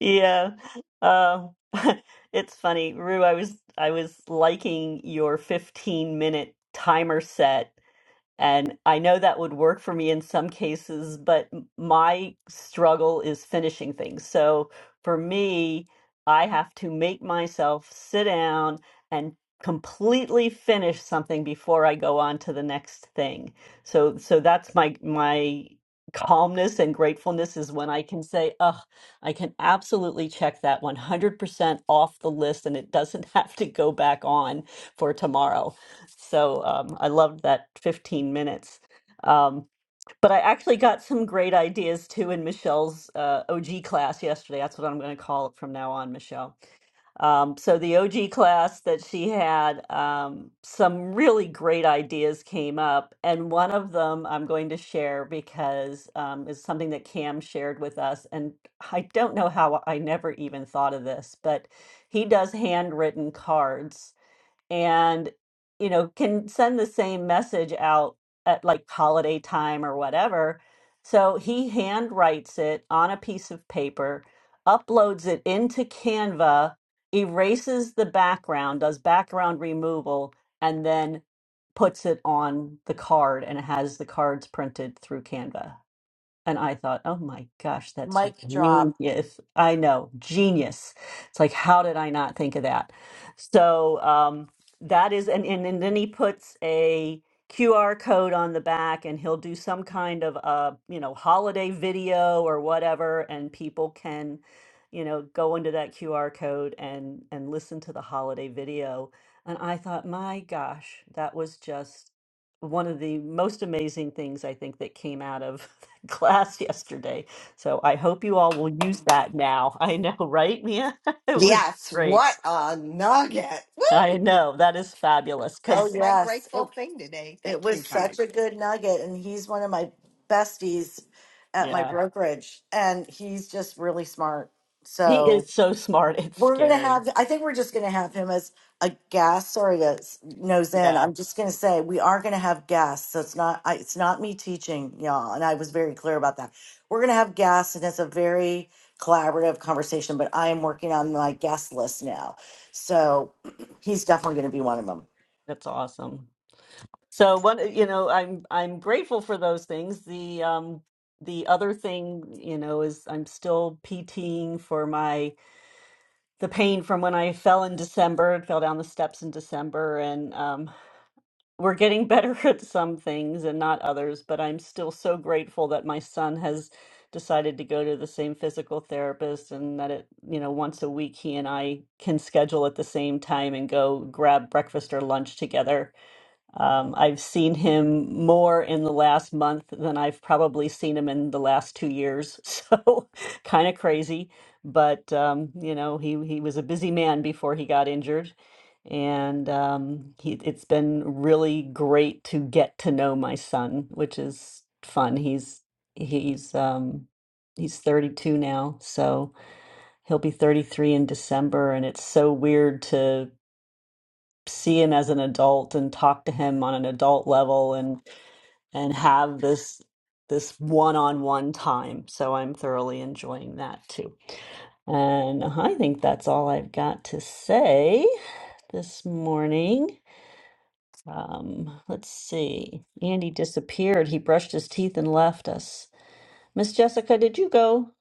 I: Yeah. Uh, it's funny, Rue, I was I was liking your 15 minute timer set and I know that would work for me in some cases, but my struggle is finishing things. So for me, I have to make myself sit down and completely finish something before I go on to the next thing. So so that's my my calmness and gratefulness is when I can say, "Oh, I can absolutely check that 100% off the list and it doesn't have to go back on for tomorrow." So um, I loved that 15 minutes. Um, but I actually got some great ideas too in Michelle's uh, OG class yesterday. That's what I'm going to call it from now on, Michelle. Um, so the OG class that she had, um, some really great ideas came up, and one of them I'm going to share because um, is something that Cam shared with us, and I don't know how I never even thought of this, but he does handwritten cards and you know can send the same message out at like holiday time or whatever so he hand writes it on a piece of paper uploads it into canva erases the background does background removal and then puts it on the card and it has the cards printed through canva and I thought, oh my gosh, that's
C: Mic drop.
I: genius. I know, genius. It's like, how did I not think of that? So um, that is, and, and, and then he puts a QR code on the back and he'll do some kind of, uh, you know, holiday video or whatever. And people can, you know, go into that QR code and, and listen to the holiday video. And I thought, my gosh, that was just one of the most amazing things I think that came out of class yesterday. So I hope you all will use that now. I know, right, Mia? It was
B: Yes, what
I: great.
B: a nugget!
I: I
B: Woo!
I: know. That is fabulous
C: Oh
B: That's
I: because,
B: my
C: yes, it
B: grateful thing today.
C: it
B: Thank
C: was
B: you guys.
C: such a good nugget, and he's one of my besties at my
I: yeah,
C: brokerage, and he's just really smart.
I: he
C: So
I: is so smart. It's
C: We're gonna
I: scary.
C: have. I think we're just gonna have him as a guest. Sorry, guys, nose in.
I: Yeah,
C: I'm just gonna say we are gonna have guests. So it's not. I, it's not me teaching y'all, and I was very clear about that. We're gonna have guests, and it's a very collaborative conversation. But I am working on my guest list now, so he's definitely gonna be one of them.
I: that's awesome. So what, uh, you know, I'm I'm grateful for those things. The um the other thing, you know, is I'm still PTing for my the pain from when I fell in December, fell down the steps in December, and um we're getting better at some things and not others, but I'm still so grateful that my son has decided to go to the same physical therapist and that it, you know, once a week he and I can schedule at the same time and go grab breakfast or lunch together um, I've seen him more in the last month than I've probably seen him in the last two years. So kind of crazy, but um, you know, he he was a busy man before he got injured, and um, he it's been really great to get to know my son, which is fun. He's he's um, he's 32 now, so he'll be 33 in December, and it's so weird to see him as an adult and talk to him on an adult level and and have this this one-on-one time. So I'm thoroughly enjoying that too. And I think that's all I've got to say this morning. Um, let's see. Andy disappeared. He brushed his teeth and left us. Miss Jessica, did you go?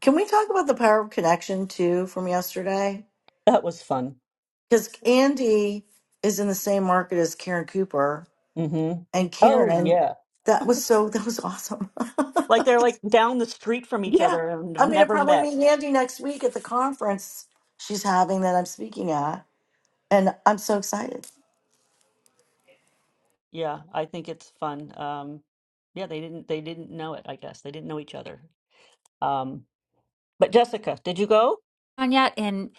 C: Can we talk about the power of connection too from yesterday?
I: That was fun.
C: Because Andy is in the same market as Karen Cooper,
I: Mm-hmm.
C: and
I: Oh
C: Karen.
I: yeah.
C: That was so. That was awesome.
I: Like they're like down the street from each
C: Yeah.
I: other and have
C: I'm going to
I: never
C: probably
I: met.
C: meet Andy next week at the conference she's having that I'm speaking at. And I'm so excited.
I: Yeah, I think it's fun. Um, yeah, they didn't they didn't know it, I guess. They didn't know each other. Um, but Jessica, did you go?
J: on yet. And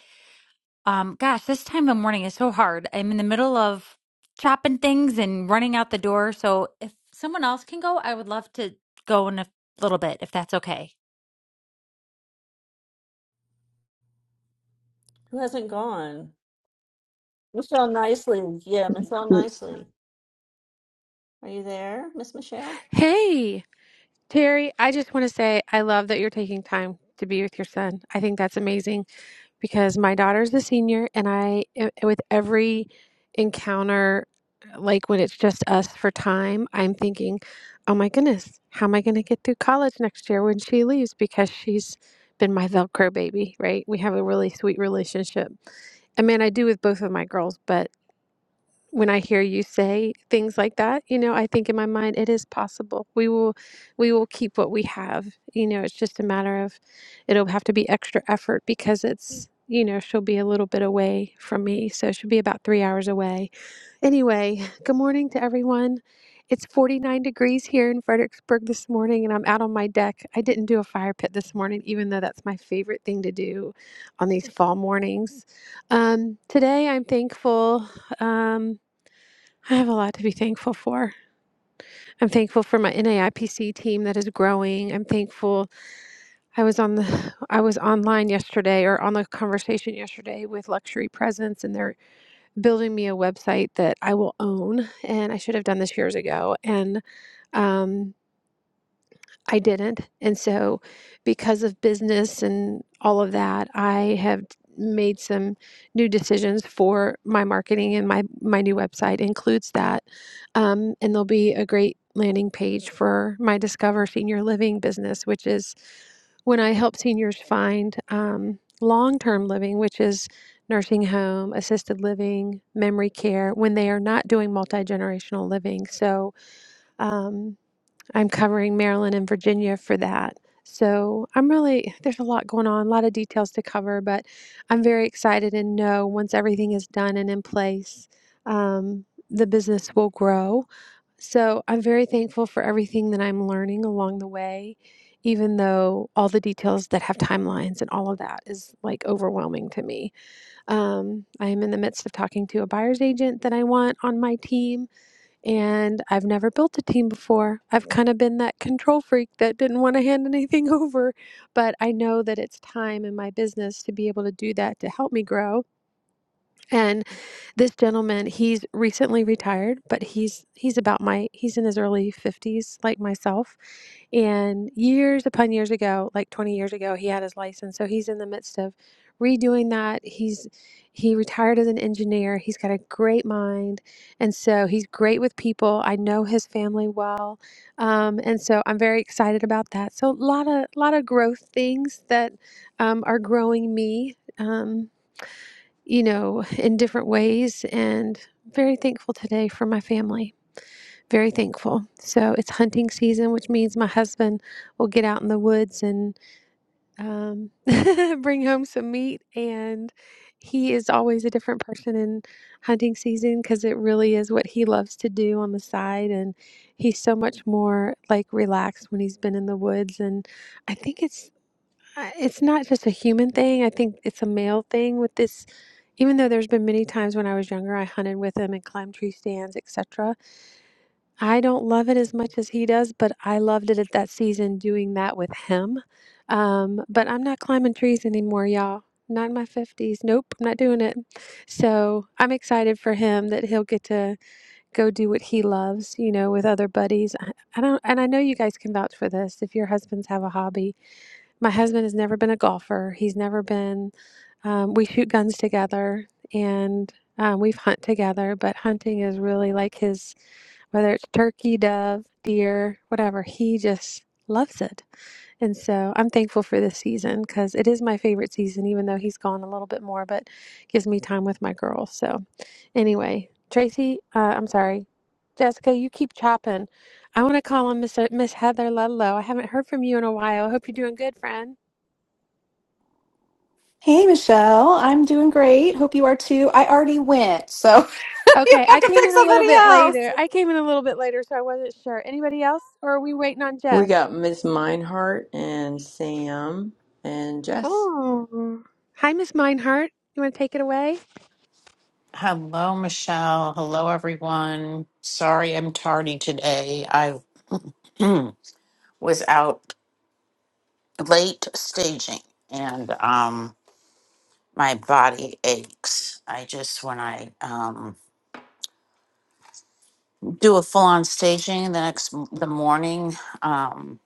J: um, gosh, this time of morning is so hard. I'm in the middle of chopping things and running out the door. So if someone else can go, I would love to go in a little bit, if that's okay.
I: Who hasn't gone? Michelle Nicely. Yeah, Michelle Nicely. Are you there, Miss Michelle?
K: Hey, Terry, I just want to say I love that you're taking time to be with your son. I think that's amazing because my daughter's a senior, and I, eh, with every encounter, like when it's just us for time, I'm thinking, oh my goodness, how am I going to get through college next year when she leaves? Because she's been my Velcro baby, right? We have a really sweet relationship. I mean, I do with both of my girls, but when I hear you say things like that, you know, I think in my mind it is possible. We will we will keep what we have. You know, it's just a matter of it'll have to be extra effort because it's you know, she'll be a little bit away from me. So she'll be about three hours away. Anyway, good morning to everyone. It's 49 degrees here in Fredericksburg this morning, and I'm out on my deck. I didn't do a fire pit this morning, even though that's my favorite thing to do on these fall mornings. Um, today, I'm thankful. Um, I have a lot to be thankful for. I'm thankful for my NAIPC team that is growing. I'm thankful I was on the I was online yesterday or on the conversation yesterday with Luxury Presence and they're building me a website that I will own and I should have done this years ago. And um I didn't. And so, because of business and all of that, I have made some new decisions for my marketing and my my new website includes that. Um, and there'll be a great landing page for my Discover Senior Living business, which is when I help seniors find um, long term living, which is nursing home, assisted living, memory care, when they are not doing multi generational living. So. Um, I'm covering Maryland and Virginia for that. So I'm really, there's a lot going on, a lot of details to cover, but I'm very excited and know once everything is done and in place, um, the business will grow. So I'm very thankful for everything that I'm learning along the way, even though all the details that have timelines and all of that is like overwhelming to me. Um, I am in the midst of talking to a buyer's agent that I want on my team and I've never built a team before. I've kind of been that control freak that didn't want to hand anything over, but I know that it's time in my business to be able to do that to help me grow. And this gentleman, he's recently retired, but he's he's about my he's in his early 50s like myself. And years upon years ago, like 20 years ago, he had his license. So he's in the midst of redoing that. He's he retired as an engineer. He's got a great mind. And so he's great with people. I know his family well. Um, and so I'm very excited about that. So a lot of lot of growth things that um, are growing me. Um, you know, in different ways. And I'm very thankful today for my family. Very thankful. So it's hunting season, which means my husband will get out in the woods and um, bring home some meat. And he is always a different person in hunting season because it really is what he loves to do on the side. And he's so much more like relaxed when he's been in the woods. And I think it's I it's not just a human thing. I think it's a male thing with this. Even though there's been many times when I was younger, I hunted with him and climbed tree stands, etc. I don't love it as much as he does, but I loved it at that season doing that with him. Um, but I'm not climbing trees anymore, y'all. Not in my 50s. Nope, I'm not doing it. So I'm excited for him that he'll get to go do what he loves, you know, with other buddies. I, I don't, and I know you guys can vouch for this if your husbands have a hobby my husband has never been a golfer. He's never been, um, we shoot guns together and um, we've hunt together, but hunting is really like his, whether it's turkey, dove, deer, whatever, he just loves it. And so I'm thankful for this season because it is my favorite season, even though he's gone a little bit more, but gives me time with my girls. So anyway, Tracy, uh, I'm sorry. Jessica, you keep chopping. I want to call on Miss, Miss Heather Ludlow. I haven't heard from you in a while. I hope you're doing good, friend.
F: Hey, Michelle. I'm doing great. Hope you are too. I already went, so you
K: Okay,
F: have
K: I
F: to
K: came
F: pick
K: in a little
F: somebody
K: bit
F: else.
K: later. I came in a little bit later, so I wasn't sure. Anybody else, or are we waiting on
A: We
K: Jess?
A: got Miss Meinhardt and Sam and Jess.
K: Oh, hi, Miss Meinhardt. You want to take it away?
L: Hello, Michelle. Hello, everyone. Sorry I'm tardy today. I was out late staging and um my body aches. I just when I um do a full-on staging the next the morning um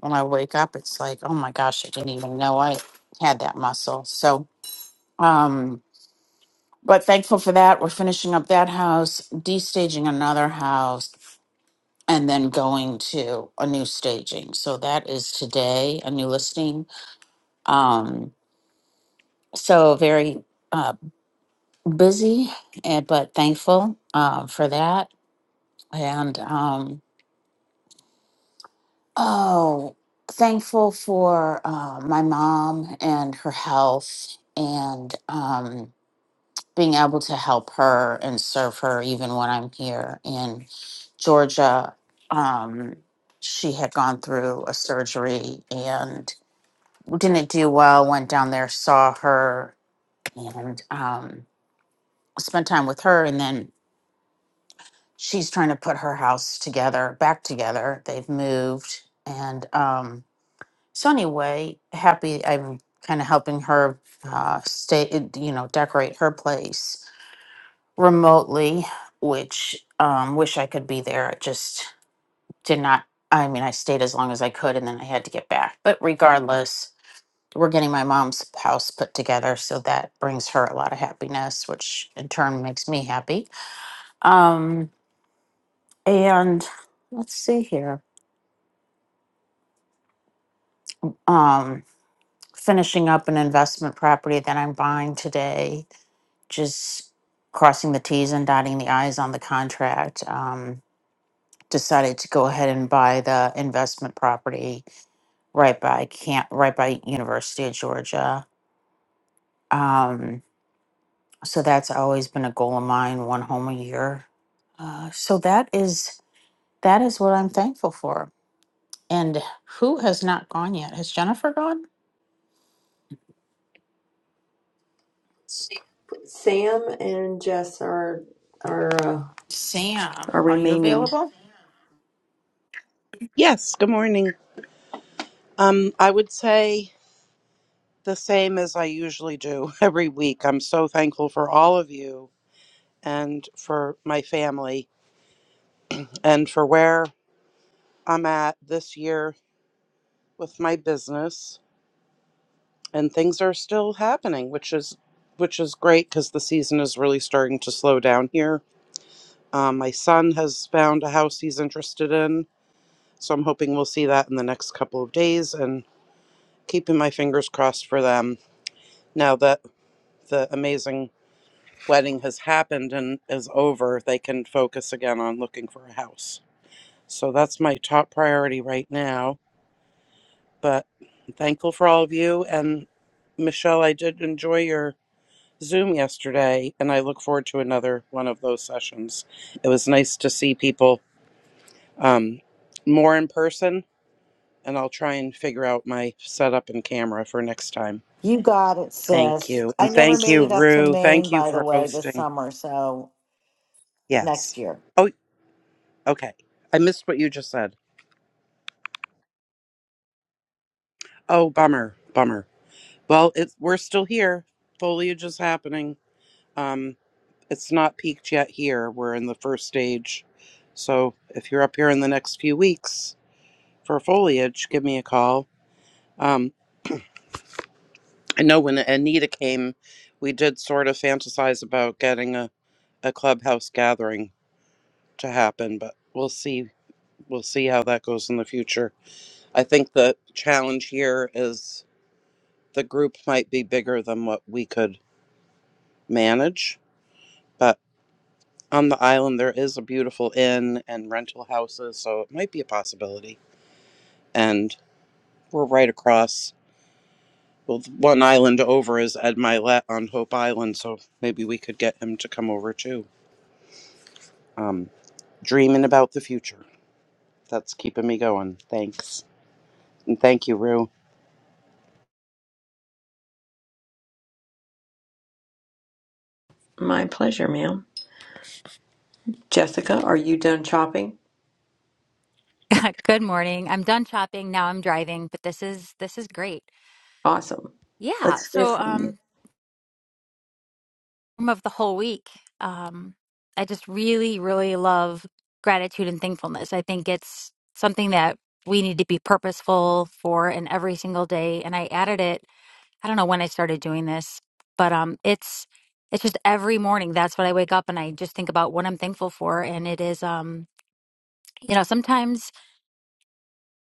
L: when I wake up it's like, "Oh my gosh, I didn't even know I had that muscle." So, um but thankful for that. We're finishing up that house, destaging another house and then going to a new staging. So that is today, a new listing. Um, so very uh, busy, and, but thankful uh, for that. And um, oh, thankful for uh, my mom and her health and um, being able to help her and serve her even when I'm here in Georgia. Um, she had gone through a surgery and didn't do well. Went down there, saw her, and um, spent time with her. And then she's trying to put her house together, back together. They've moved, and um, so anyway, happy. I'm kind of helping her uh, stay, you know, decorate her place remotely, which um, wish I could be there. I just did not. I mean, I stayed as long as I could, and then I had to get back. But regardless. we're getting my mom's house put together so that brings her a lot of happiness which in turn makes me happy um and let's see here um finishing up an investment property that i'm buying today just crossing the t's and dotting the i's on the contract um decided to go ahead and buy the investment property right by camp right by university of georgia Um, so that's always been a goal of mine one home a year uh, so that is that is what i'm thankful for and who has not gone yet has jennifer gone sam,
A: Sam and Jess are are uh,
L: sam
A: are
L: are you
A: remaining.
L: available
M: Yes, good morning. Um, I would say the same as I usually do every week. I'm so thankful for all of you and for my family and for where I'm at this year with my business and things are still happening, which is which is great because the season is really starting to slow down here. Um, my son has found a house he's interested in, so I'm hoping we'll see that in the next couple of days and keeping my fingers crossed for them now that the amazing wedding has happened and is over, they can focus again on looking for a house. So that's my top priority right now. But I'm thankful for all of you. And Michelle, I did enjoy your Zoom yesterday, and I look forward to another one of those sessions. It was nice to see people um, more in person, and I'll try and figure out my setup and camera for next time.
C: You got it,
M: Thank
C: sis.
M: you.
C: I
M: And
C: never
M: thank
C: made
M: you,
C: it up to
M: Rue.
C: Maine,
M: Thank you
C: by the
M: for
C: way, this
M: hosting.
C: summer. So next
M: Yes.
C: year.
M: Oh. Okay. I missed what you just said. Oh, bummer. Bummer. Well, it, we're still here. Foliage is happening. Um, it's not peaked yet here. We're in the first stage. So if you're up here in the next few weeks for foliage, give me a call. Um, I know when Anita came, we did sort of fantasize about getting a, a clubhouse gathering to happen, but we'll see. We'll see how that goes in the future. I think the challenge here is the group might be bigger than what we could manage. But on the island, there is a beautiful inn and rental houses, so it might be a possibility. And we're right across. Well, one island over is Ed Milet on Hope Island, so maybe we could get him to come over too. Um, dreaming about the future. That's keeping me going. Thanks. And thank you, Rue.
A: My pleasure, ma'am. Jessica, are you done chopping?
J: Good morning. I'm done shopping. Now I'm driving, but this is this is great.
A: Awesome.
J: Yeah.
A: Let's hear
J: So
A: from you.
J: um theme of the whole week. Um I just really, really love gratitude and thankfulness. I think it's something that we need to be purposeful for in every single day. And I added it I don't know when I started doing this, but um it's it's just every morning that's what I wake up and I just think about what I'm thankful for and it is um you know sometimes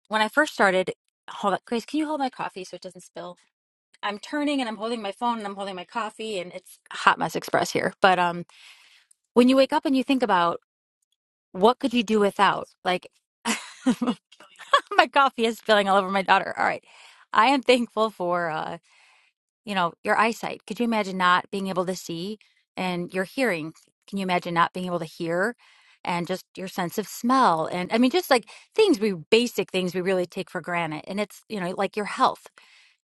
J: when I first started hold on Grace can you hold my coffee so it doesn't spill I'm turning and I'm holding my phone and I'm holding my coffee and it's a hot mess express here but um when you wake up and you think about what could you do without like my coffee is spilling all over my daughter all right I am thankful for uh you know, your eyesight. Could you imagine not being able to see and your hearing? Can you imagine not being able to hear and just your sense of smell? And I mean, just like things we basic things we really take for granted. And it's, you know, like your health.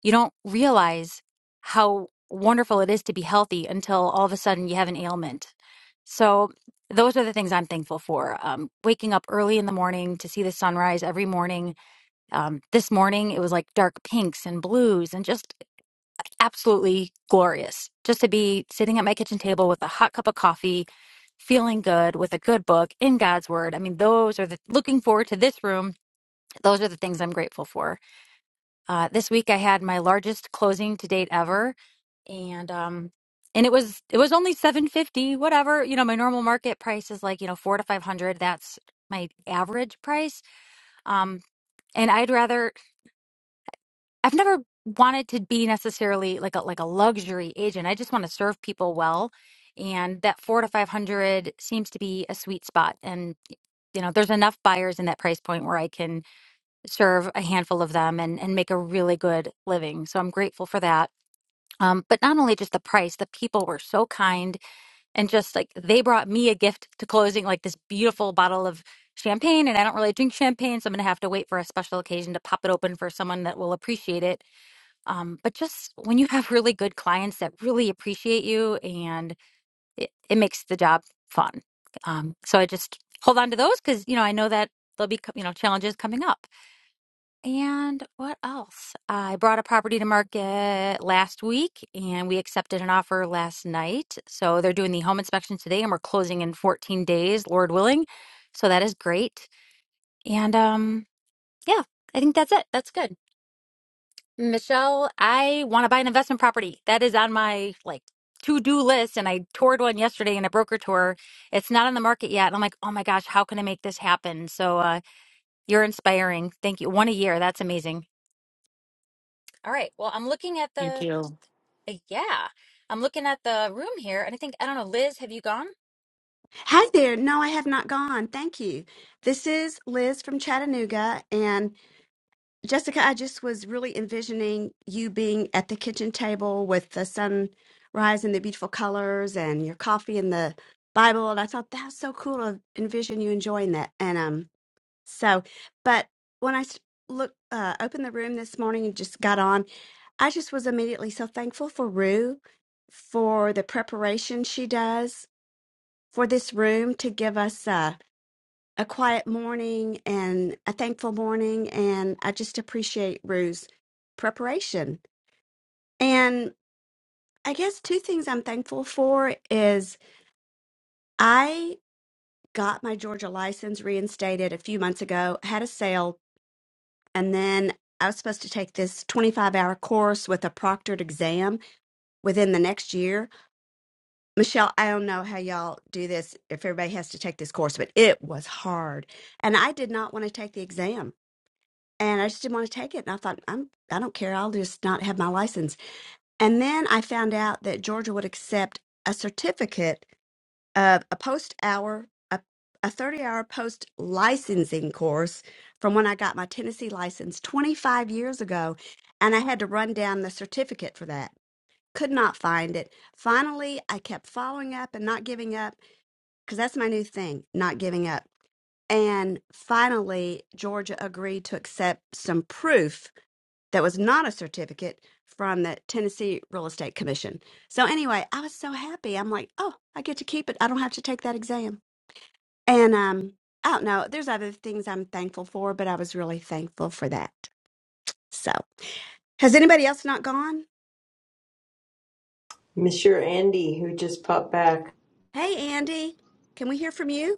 J: You don't realize how wonderful it is to be healthy until all of a sudden you have an ailment. So, those are the things I'm thankful for. Um, waking up early in the morning to see the sunrise every morning. Um, this morning, it was like dark pinks and blues and just absolutely glorious just to be sitting at my kitchen table with a hot cup of coffee, feeling good with a good book in God's Word. I mean, those are the looking forward to this room. Those are the things I'm grateful for. Uh, this week I had my largest closing to date ever, and um, and it was it was only seven fifty, whatever. You know, my normal market price is like you know four to five hundred. That's my average price. Um, and I'd rather I've never wanted to be necessarily like a like a luxury agent. I just want to serve people well, and that four to five hundred seems to be a sweet spot. And you know, there's enough buyers in that price point where I can serve a handful of them and and make a really good living. So I'm grateful for that. Um, but not only just the price, the people were so kind and just like they brought me a gift to closing, like this beautiful bottle of champagne. And I don't really drink champagne, so I'm gonna have to wait for a special occasion to pop it open for someone that will appreciate it um, but just when you have really good clients that really appreciate you and it, it makes the job fun. Um, so I just hold on to those because, you know, I know that there'll be, co- you know, challenges coming up. And what else? I brought a property to market last week and we accepted an offer last night. So they're doing the home inspection today and we're closing in 14 days, Lord willing. So that is great. And um, yeah, I think that's it. That's good. Michelle, I want to buy an investment property. That is on my like to-do list and I toured one yesterday in a broker tour. It's not on the market yet. And I'm like, "Oh my gosh, how can I make this happen?" So, uh you're inspiring. Thank you. One a year. That's amazing. All right. Well, I'm looking at
L: thank
J: the
L: you
J: uh, yeah. I'm looking at the room here and I think I don't know, Liz, have you gone?
N: Hi there. No, I have not gone. Thank you. This is Liz from Chattanooga. And Jessica, I just was really envisioning you being at the kitchen table with the sunrise and the beautiful colors and your coffee and the Bible. And I thought that's so cool to envision you enjoying that. And um, so, but when I s- look, uh, opened the room this morning and just got on, I just was immediately so thankful for Rue for the preparation she does for this room to give us. Uh, a quiet morning and a thankful morning. And I just appreciate Rue's preparation. And I guess two things I'm thankful for is I got my Georgia license reinstated a few months ago, had a sale, and then I was supposed to take this 25 hour course with a proctored exam within the next year. Michelle, I don't know how y'all do this if everybody has to take this course, but it was hard. And I did not want to take the exam. and I just didn't want to take it. And I thought, I'm, I don't care. I'll just not have my license. And then I found out that Georgia would accept a certificate of a post hour, a, a 30 hour post licensing course from when I got my Tennessee license 25 years ago. And I had to run down the certificate for that. Could not find it. Finally, I kept following up and not giving up because that's my new thing, not giving up. And finally, Georgia agreed to accept some proof that was not a certificate from the Tennessee Real Estate Commission. So anyway, I was so happy. I'm like, oh, I get to keep it. I don't have to take that exam. And um, I don't know. There's other things I'm thankful for, but I was really thankful for that. So, has anybody else not gone?
A: Monsieur Andy, who just popped back.
N: Hey, Andy, can we hear from you?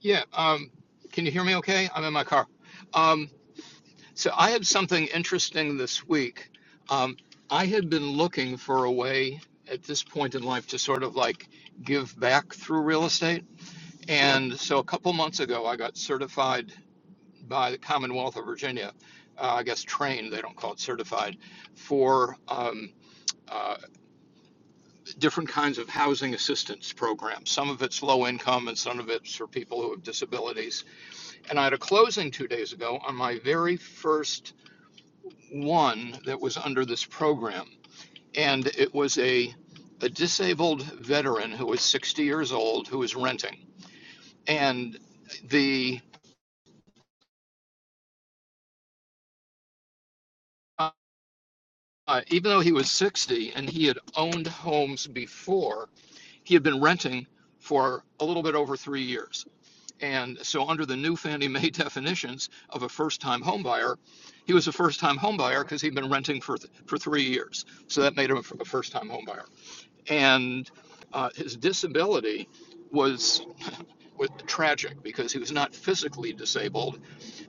O: Yeah, um, can you hear me okay? I'm in my car. Um, so I had something interesting this week. Um, I had been looking for a way at this point in life to sort of like give back through real estate. And so a couple months ago, I got certified by the Commonwealth of Virginia, uh, I guess trained, they don't call it certified, for um, uh, different kinds of housing assistance programs. Some of it's low income and some of it's for people who have disabilities And I had a closing two days ago on my very first one that was under this program. And it was a, a disabled veteran who was 60 years old who was renting. And the uh, uh, even though he was 60 and he had owned homes before, he had been renting for a little bit over three years. And so, under the new Fannie Mae definitions of a first-time homebuyer, he was a first-time homebuyer because he'd been renting for th- for three years. So that made him a f- a first-time homebuyer. And uh, his disability was was tragic because he was not physically disabled,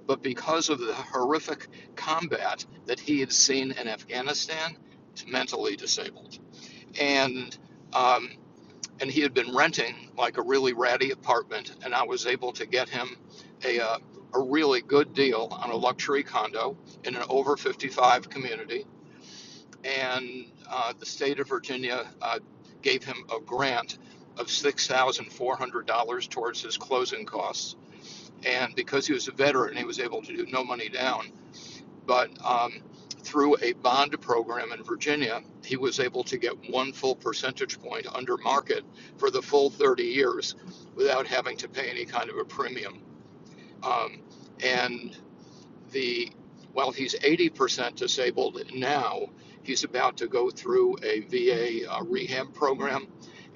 O: but because of the horrific combat that he had seen in Afghanistan, mentally disabled. And um, and he had been renting like a really ratty apartment, and I was able to get him a uh, a really good deal on a luxury condo in an over 55 community, and uh, the state of Virginia uh, gave him a grant of six thousand four hundred dollars towards his closing costs, and because he was a veteran, he was able to do no money down but um, through a bond program in Virginia, he was able to get one full percentage point under market for the full 30 years without having to pay any kind of a premium. Um, and the while he's 80% disabled now, he's about to go through a VA uh, rehab program.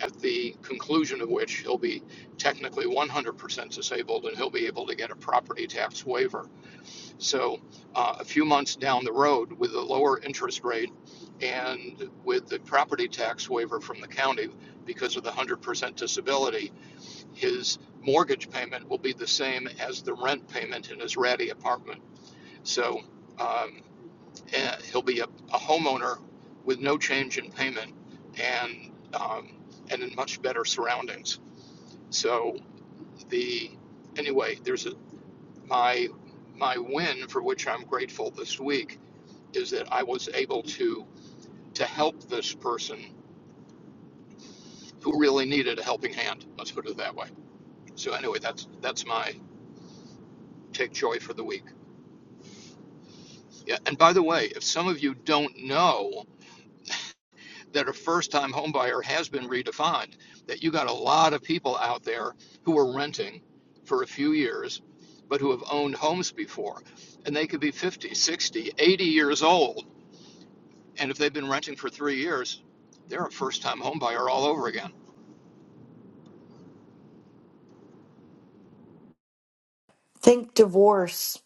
O: At the conclusion of which he'll be technically 100% disabled and he'll be able to get a property tax waiver so, uh, a few months down the road, with a lower interest rate and with the property tax waiver from the county because of the 100% disability, his mortgage payment will be the same as the rent payment in his ratty apartment. So, um, eh, he'll be a, a homeowner with no change in payment and um, and in much better surroundings. So, the anyway, there's a, my my win for which I'm grateful this week is that I was able to to help this person who really needed a helping hand. Let's put it that way. So anyway, that's that's my take joy for the week. Yeah, and by the way, if some of you don't know that a first-time homebuyer has been redefined, that you got a lot of people out there who are renting for a few years but who have owned homes before and they could be 50, 60, 80 years old and if they've been renting for 3 years, they're a first-time homebuyer all over again.
C: Think divorce,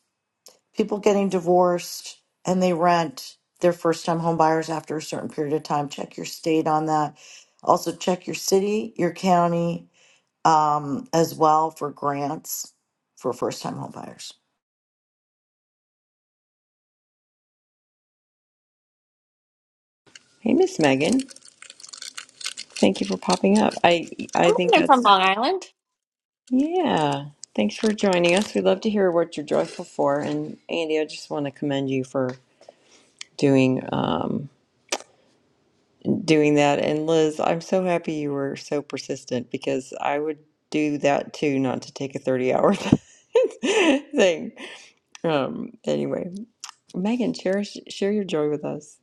C: people getting divorced and they rent their first time home buyers after a certain period of time. Check your state on that. Also, check your city, your county um, as well for grants for first time home buyers.
A: Hey, Miss Megan. Thank you for popping up. I I
P: Good
A: think
P: morning from
A: that's
P: Long Island.
A: yeah. Thanks for joining us. We'd love to hear what you're joyful for. And Andy, I just want to commend you for doing um doing that. And Liz, I'm so happy you were so persistent because I would do that too, not to take a 30 hour thing. Um anyway. Megan, share share your joy with us.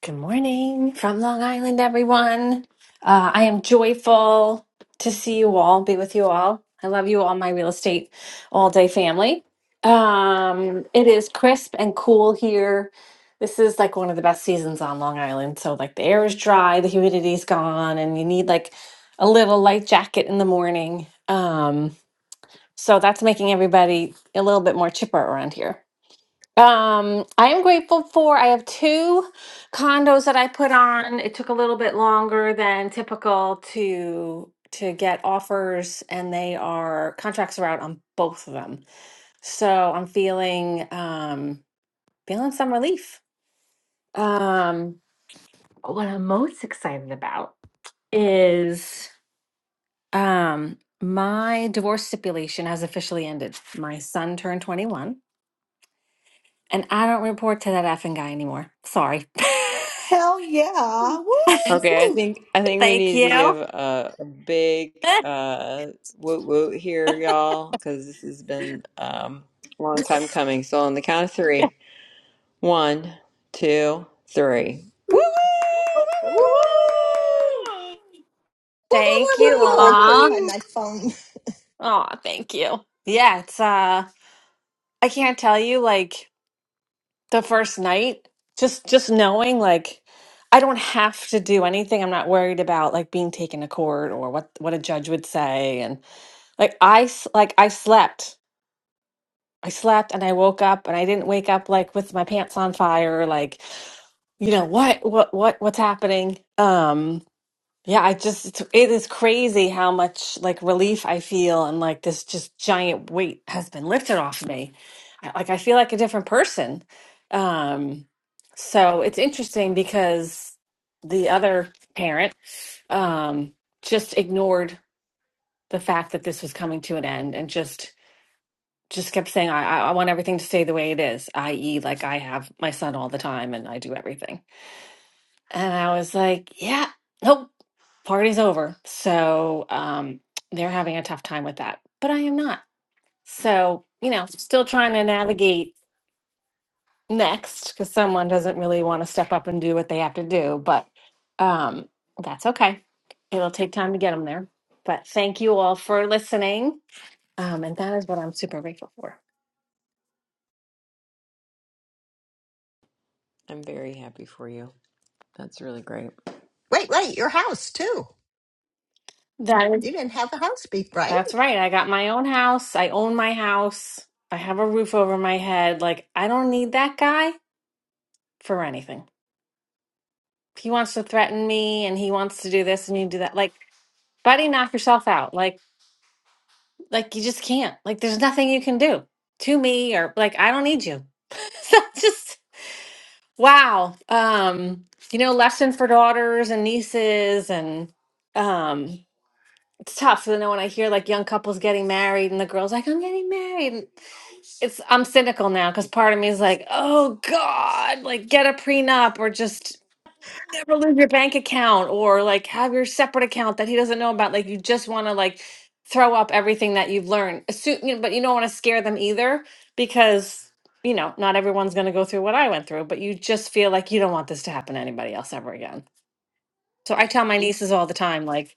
P: Good morning from Long Island, everyone. Uh, I am joyful to see you all, be with you all. I love you all, my real estate all day family. Um, it is crisp and cool here. This is like one of the best seasons on Long Island. So, like, the air is dry, the humidity's gone, and you need like a little light jacket in the morning. Um, so, that's making everybody a little bit more chipper around here. Um, I am grateful for I have two condos that I put on. It took a little bit longer than typical to to get offers and they are contracts are out on both of them. So I'm feeling um feeling some relief. Um what I'm most excited about is um my divorce stipulation has officially ended. My son turned 21 and I don't report to that effing guy anymore. Sorry.
C: Hell yeah.
A: Okay, I
C: Woo!
A: think I think we
P: Thank
A: need to give
P: you.
A: a, a big uh, woot woot here, y'all, because this has been um, a long time coming. So on the count of three, one, two, three. Woo woo! Woo
H: Woo!
A: woo woo woo woo!
B: Whoa, whoa, whoa,
P: thank you
B: whoa, whoa. I couldn't
P: all.
B: find my phone.
P: Oh, thank you. Yeah, it's uh I can't tell you like the first night just just knowing like I don't have to do anything. I'm not worried about like being taken to court or what what a judge would say and like I s- like I slept. I slept and I woke up and I didn't wake up like with my pants on fire like you know what what what what's happening. Um Yeah, I just, it's, it is crazy how much like relief I feel and like this just giant weight has been lifted off me. I, like I feel like a different person. Um, so it's interesting because the other parent um, just ignored the fact that this was coming to an end and just just kept saying, I, I I want everything to stay the way it is, i.e., like I have my son all the time and I do everything. And I was like, yeah, nope, party's over. So um, they're having a tough time with that, but I am not. So, you know, still trying to navigate next because someone doesn't really want to step up and do what they have to do, but um, that's okay. It'll take time to get them there. But thank you all for listening. Um, and that is what I'm super grateful for.
A: I'm very happy for you. That's really great.
B: Wait, wait, your house too.
P: That is,
B: You didn't have a house beat, right?
P: that's right. I got my own house. I own my house. I have a roof over my head. Like, I don't need that guy. for anything. If he wants to threaten me and he wants to do this and you do that, like, buddy, knock yourself out. Like, like you just can't. Like, there's nothing you can do to me or like I don't need you. so just wow. Um, you know, lesson for daughters and nieces and um it's tough. You know, when I hear like young couples getting married and the girl's like, I'm getting married. and It's I'm cynical now because part of me is like, oh God, like get a prenup or just never lose your bank account or like have your separate account that he doesn't know about. Like you just want to like throw up everything that you've learned. Assume, you know, but you don't want to scare them either because you know not everyone's going to go through what I went through. But you just feel like you don't want this to happen to anybody else ever again. So I tell my nieces all the time, like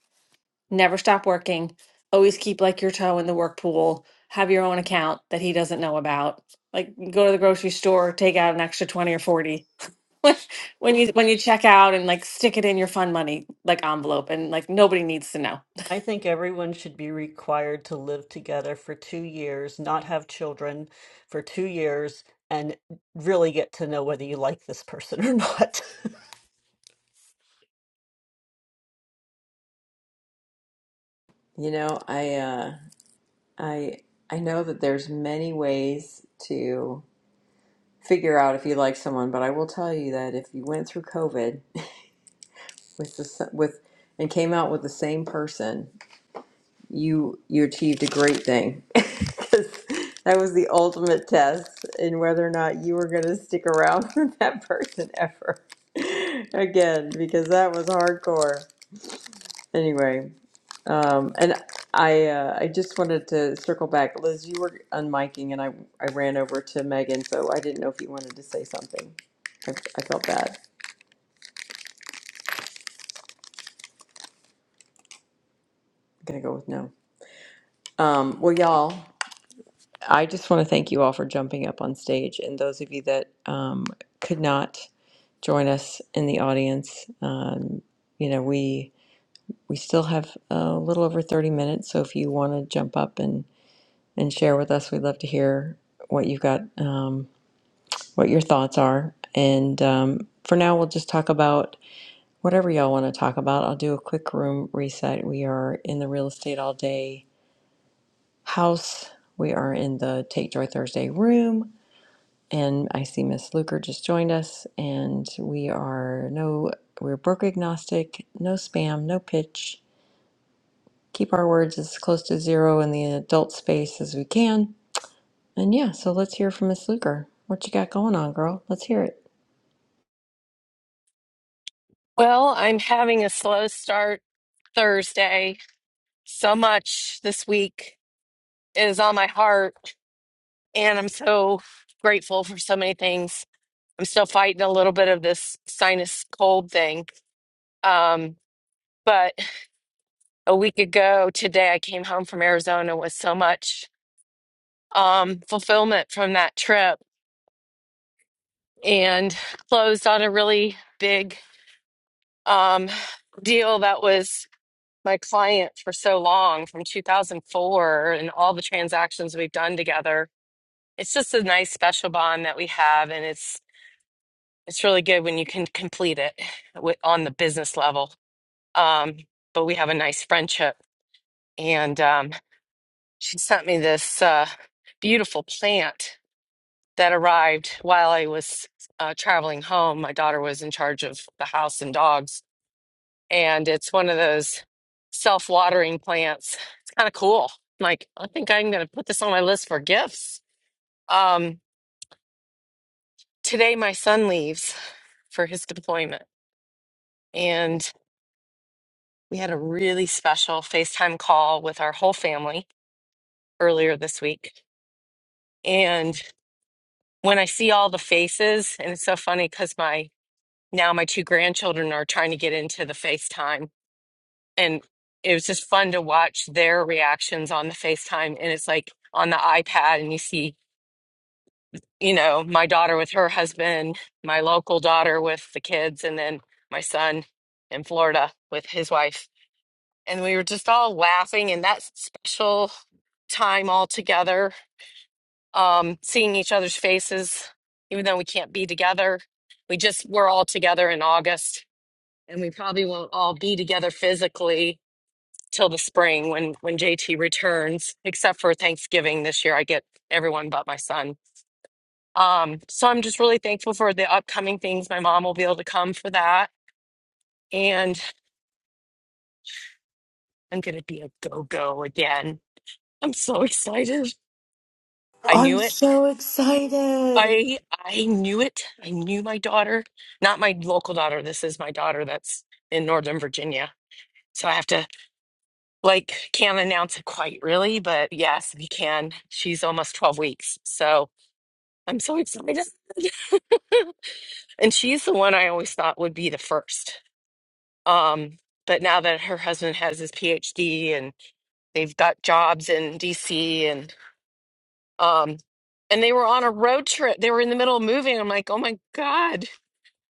P: never stop working, always keep like your toe in the work pool, have your own account that he doesn't know about. Like go to the grocery store, take out an extra twenty or forty when you when you check out and like stick it in your fun money like envelope and like nobody needs to know.
I: I think everyone should be required to live together for two years, not have children for two years, and really get to know whether you like this person or not.
A: You know, I uh, I I know that there's many ways to figure out if you like someone, but I will tell you that if you went through COVID. with the s- with and came out with the same person, you you achieved a great thing because that was the ultimate test in whether or not you were going to stick around with that person ever again because that was hardcore. Anyway, um, and I uh, I just wanted to circle back, Liz. You were unmiking, and I I ran over to Megan, so I didn't know if you wanted to say something. I, I felt bad. I'm gonna go with no. Um, well, y'all. I just want to thank you all for jumping up on stage, and those of you that um, could not join us in the audience. Um, you know, we we still have a little over thirty minutes, so if you want to jump up and and share with us, we'd love to hear what you've got, um, what your thoughts are. And um, for now, we'll just talk about whatever y'all want to talk about. I'll do a quick room reset. We are in the real estate all day house. We are in the Take Joy Thursday room. And I see Miss Luker just joined us, and we are no, we're broker agnostic, no spam, no pitch. Keep our words as close to zero in the adult space as we can. And yeah, so let's hear from Miss Luker. What you got going on, girl? Let's hear it.
Q: Well, I'm having a slow start Thursday. So much this week is on my heart, and I'm so grateful for so many things. I'm still fighting a little bit of this sinus cold thing. Um, but a week ago today, I came home from Arizona with so much um, fulfillment from that trip and closed on a really big um, deal that was my client for so long from 2004 and all the transactions we've done together. It's just a nice special bond that we have, and it's it's really good when you can complete it with, on the business level. Um, but we have a nice friendship, and um, she sent me this uh, beautiful plant that arrived while I was uh, traveling home. My daughter was in charge of the house and dogs, and it's one of those self-watering plants. It's kind of cool. like, I think I'm going to put this on my list for gifts. Um, today my son leaves for his deployment, and we had a really special FaceTime call with our whole family earlier this week. And when I see all the faces, and it's so funny because my now my two grandchildren are trying to get into the FaceTime and it was just fun to watch their reactions on the FaceTime. And it's like on the iPad, and you see, you know, my daughter with her husband, my local daughter with the kids, and then my son in Florida with his wife. And we were just all laughing and that special time all together, um, seeing each other's faces, even though we can't be together. We just, we're all together in August, and we probably won't all be together physically till the spring when when JT returns, except for Thanksgiving this year. I get everyone but my son. Um, so I'm just really thankful for the upcoming things. My mom will be able to come for that, and I'm gonna be a go go again. I'm so excited. I
C: I'm
Q: knew it.
C: so excited.
Q: I I knew it. I knew my daughter, not my local daughter. This is my daughter that's in Northern Virginia. So I have to like can't announce it quite really, but yes, we can. She's almost 12 weeks. So I'm so excited. And she's the one I always thought would be the first. Um, but now that her husband has his PhD and they've got jobs in DC and um and they were on a road trip. They were in the middle of moving. I'm like, "Oh my God,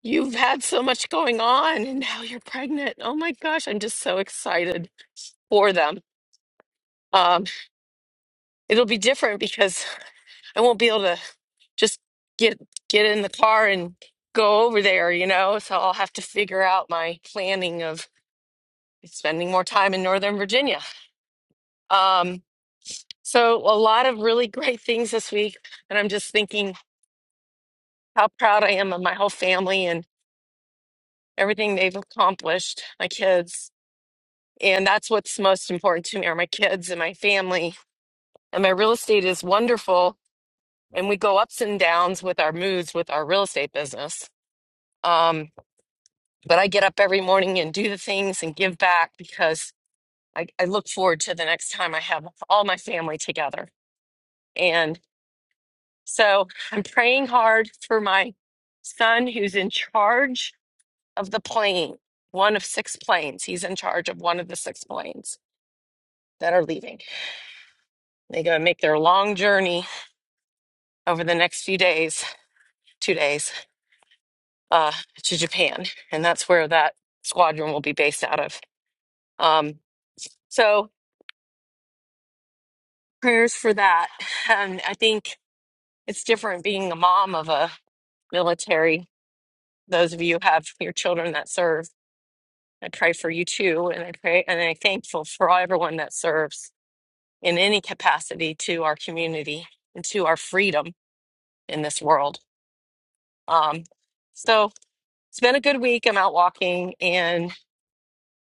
Q: you've had so much going on and now you're pregnant." Oh my gosh, I'm just so excited for them. Um it'll be different because I won't be able to just get get in the car and go over there, you know? So I'll have to figure out my planning of spending more time in Northern Virginia. Um, so a lot of really great things this week, and I'm just thinking how proud I am of my whole family and everything they've accomplished, my kids. And that's what's most important to me are my kids and my family. And my real estate is wonderful, and we go ups and downs with our moods with our real estate business. Um, but I get up every morning and do the things and give back because I, I look forward to the next time I have all my family together. and. So I'm praying hard for my son who's in charge of the plane, one of six planes. He's in charge of one of the six planes that are leaving. They go and make their long journey over the next few days, two days, uh, to Japan. And that's where that squadron will be based out of. Um, so prayers for that. And I think it's different being a mom of a military. Those of you who have your children that serve I pray for you too, and I pray and I'm thankful for all everyone that serves in any capacity to our community and to our freedom in this world. Um, so it's been a good week. I'm out walking, and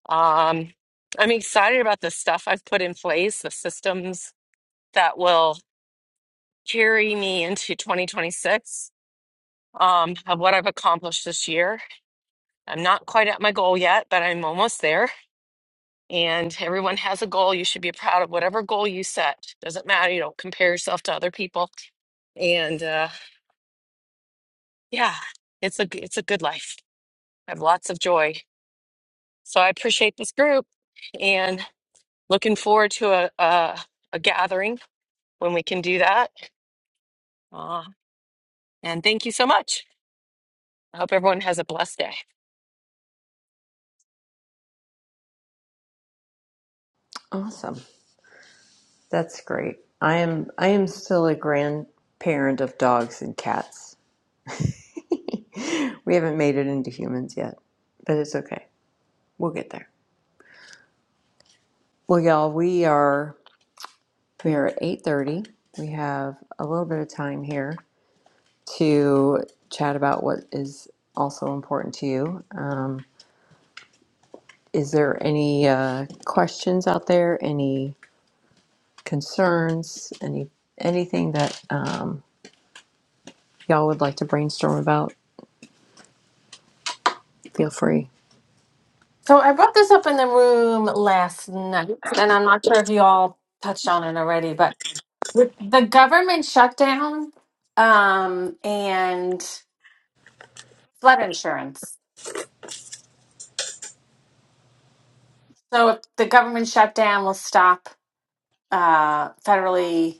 Q: um, I'm excited about the stuff I've put in place, the systems that will carry me into 2026 um, of what I've accomplished this year. I'm not quite at my goal yet, but I'm almost there. and everyone has a goal. You should be proud of whatever goal you set. Doesn't matter. You don't compare yourself to other people. And uh, yeah, it's a it's a good life. I have lots of joy. So I appreciate this group, and looking forward to a a, a gathering when we can do that. Uh, and thank you so much. I hope everyone has a blessed day.
A: Awesome. That's great. I am I am still a grandparent of dogs and cats. We haven't made it into humans yet, but it's okay. We'll get there. Well, y'all, we are. We are at 8:30. We have a little bit of time here to chat about what is also important to you. Um, is there any uh, questions out there? Any concerns? Any anything that um, y'all would like to brainstorm about? Feel free.
P: So I brought this up in the room last night, and I'm not sure if you all touched on it already, but with the government shutdown um, and flood insurance. So if the government shutdown will stop uh, federally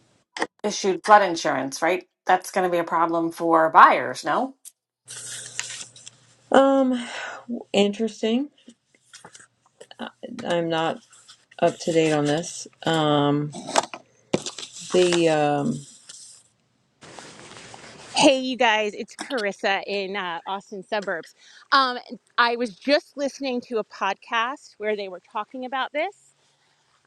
P: issued flood insurance, right? That's going to be a problem for buyers, no?
A: Um, interesting. I- I'm not up to date on this. Um, the um,
R: Hey, you guys, it's Carissa in uh, Austin suburbs. Um, I was just listening to a podcast where they were talking about this.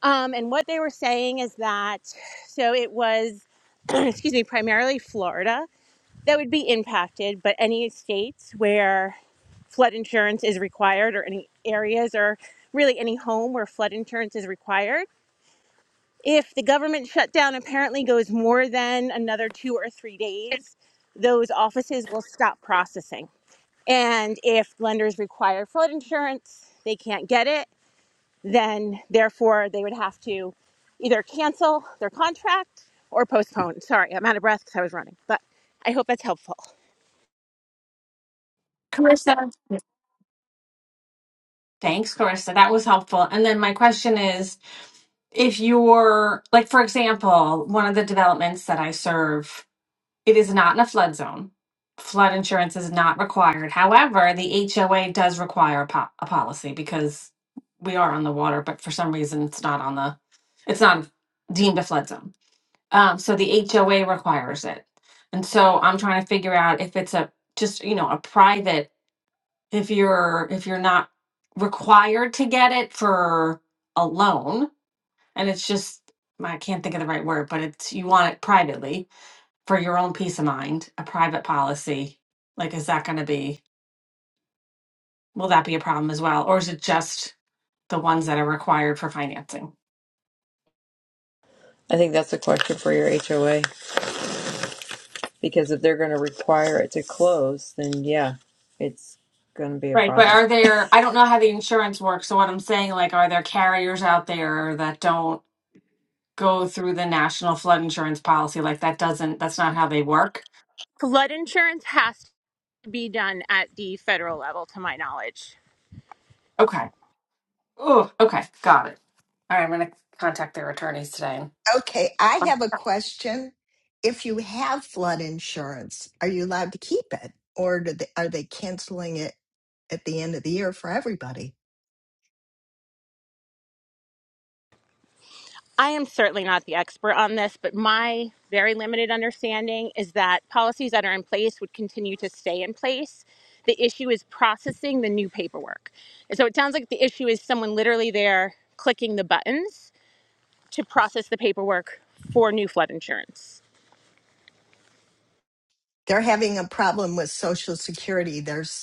R: Um, and what they were saying is that, so it was, excuse me, primarily Florida that would be impacted, but any states where flood insurance is required or any areas or really any home where flood insurance is required if the government shutdown apparently goes more than another two or three days, those offices will stop processing. And if lenders require flood insurance, they can't get it, then therefore they would have to either cancel their contract or postpone. Sorry, I'm out of breath because I was running, but I hope that's helpful.
P: Commissioner. Thanks, Carissa. That was helpful. And then my question is if you're, like, for example, one of the developments that I serve, it is not in a flood zone. Flood insurance is not required. However, the HOA does require a, po- a policy because we are on the water, but for some reason it's not on the, it's not deemed a flood zone. Um, so the HOA requires it. And so I'm trying to figure out if it's a, just, you know, a private if you're if you're not required to get it for a loan and it's just I can't think of the right word, but it's you want it privately for your own peace of mind, a private policy. Like is that going to be will that be a problem as well or is it just the ones that are required for financing?
A: I think that's a question for your HOA. Because if they're going to require it to close, then yeah, it's going to be a
P: Right, but
A: problem.
P: are there I don't know how the insurance works, so what I'm saying like are there carriers out there that don't go through the national flood insurance policy like that doesn't that's not how they work?
R: Flood insurance has to be done at the federal level, to my knowledge.
P: Okay. Oh, okay. Got it. All right, I'm going to contact their attorneys today.
B: Okay, I have a question. If you have flood insurance, are you allowed to keep it? Or do they, are they canceling it at the end of the year for everybody?
R: I am certainly not the expert on this, but my very limited understanding is that policies that are in place would continue to stay in place. The issue is processing the new paperwork. And so it sounds like the issue is someone literally there clicking the buttons to process the paperwork for new flood insurance.
B: They're having a problem with Social Security. There's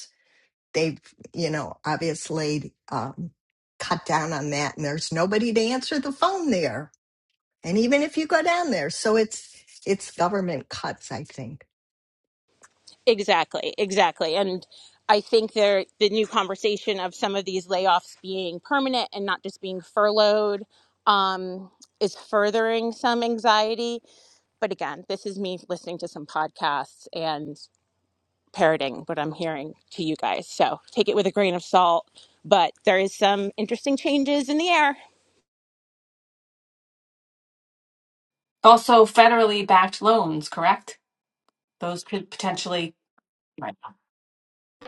B: they've, you know, obviously um, cut down on that, and there's nobody to answer the phone there. And even if you go down there, so it's it's government cuts, I think.
R: Exactly, exactly. And I think there the new conversation of some of these layoffs being permanent and not just being furloughed um, is furthering some anxiety. But again, this is me listening to some podcasts and parroting what I'm hearing to you guys. So take it with a grain of salt. But there is some interesting changes in the air.
P: Also, federally backed loans, correct? Those could potentially. Right.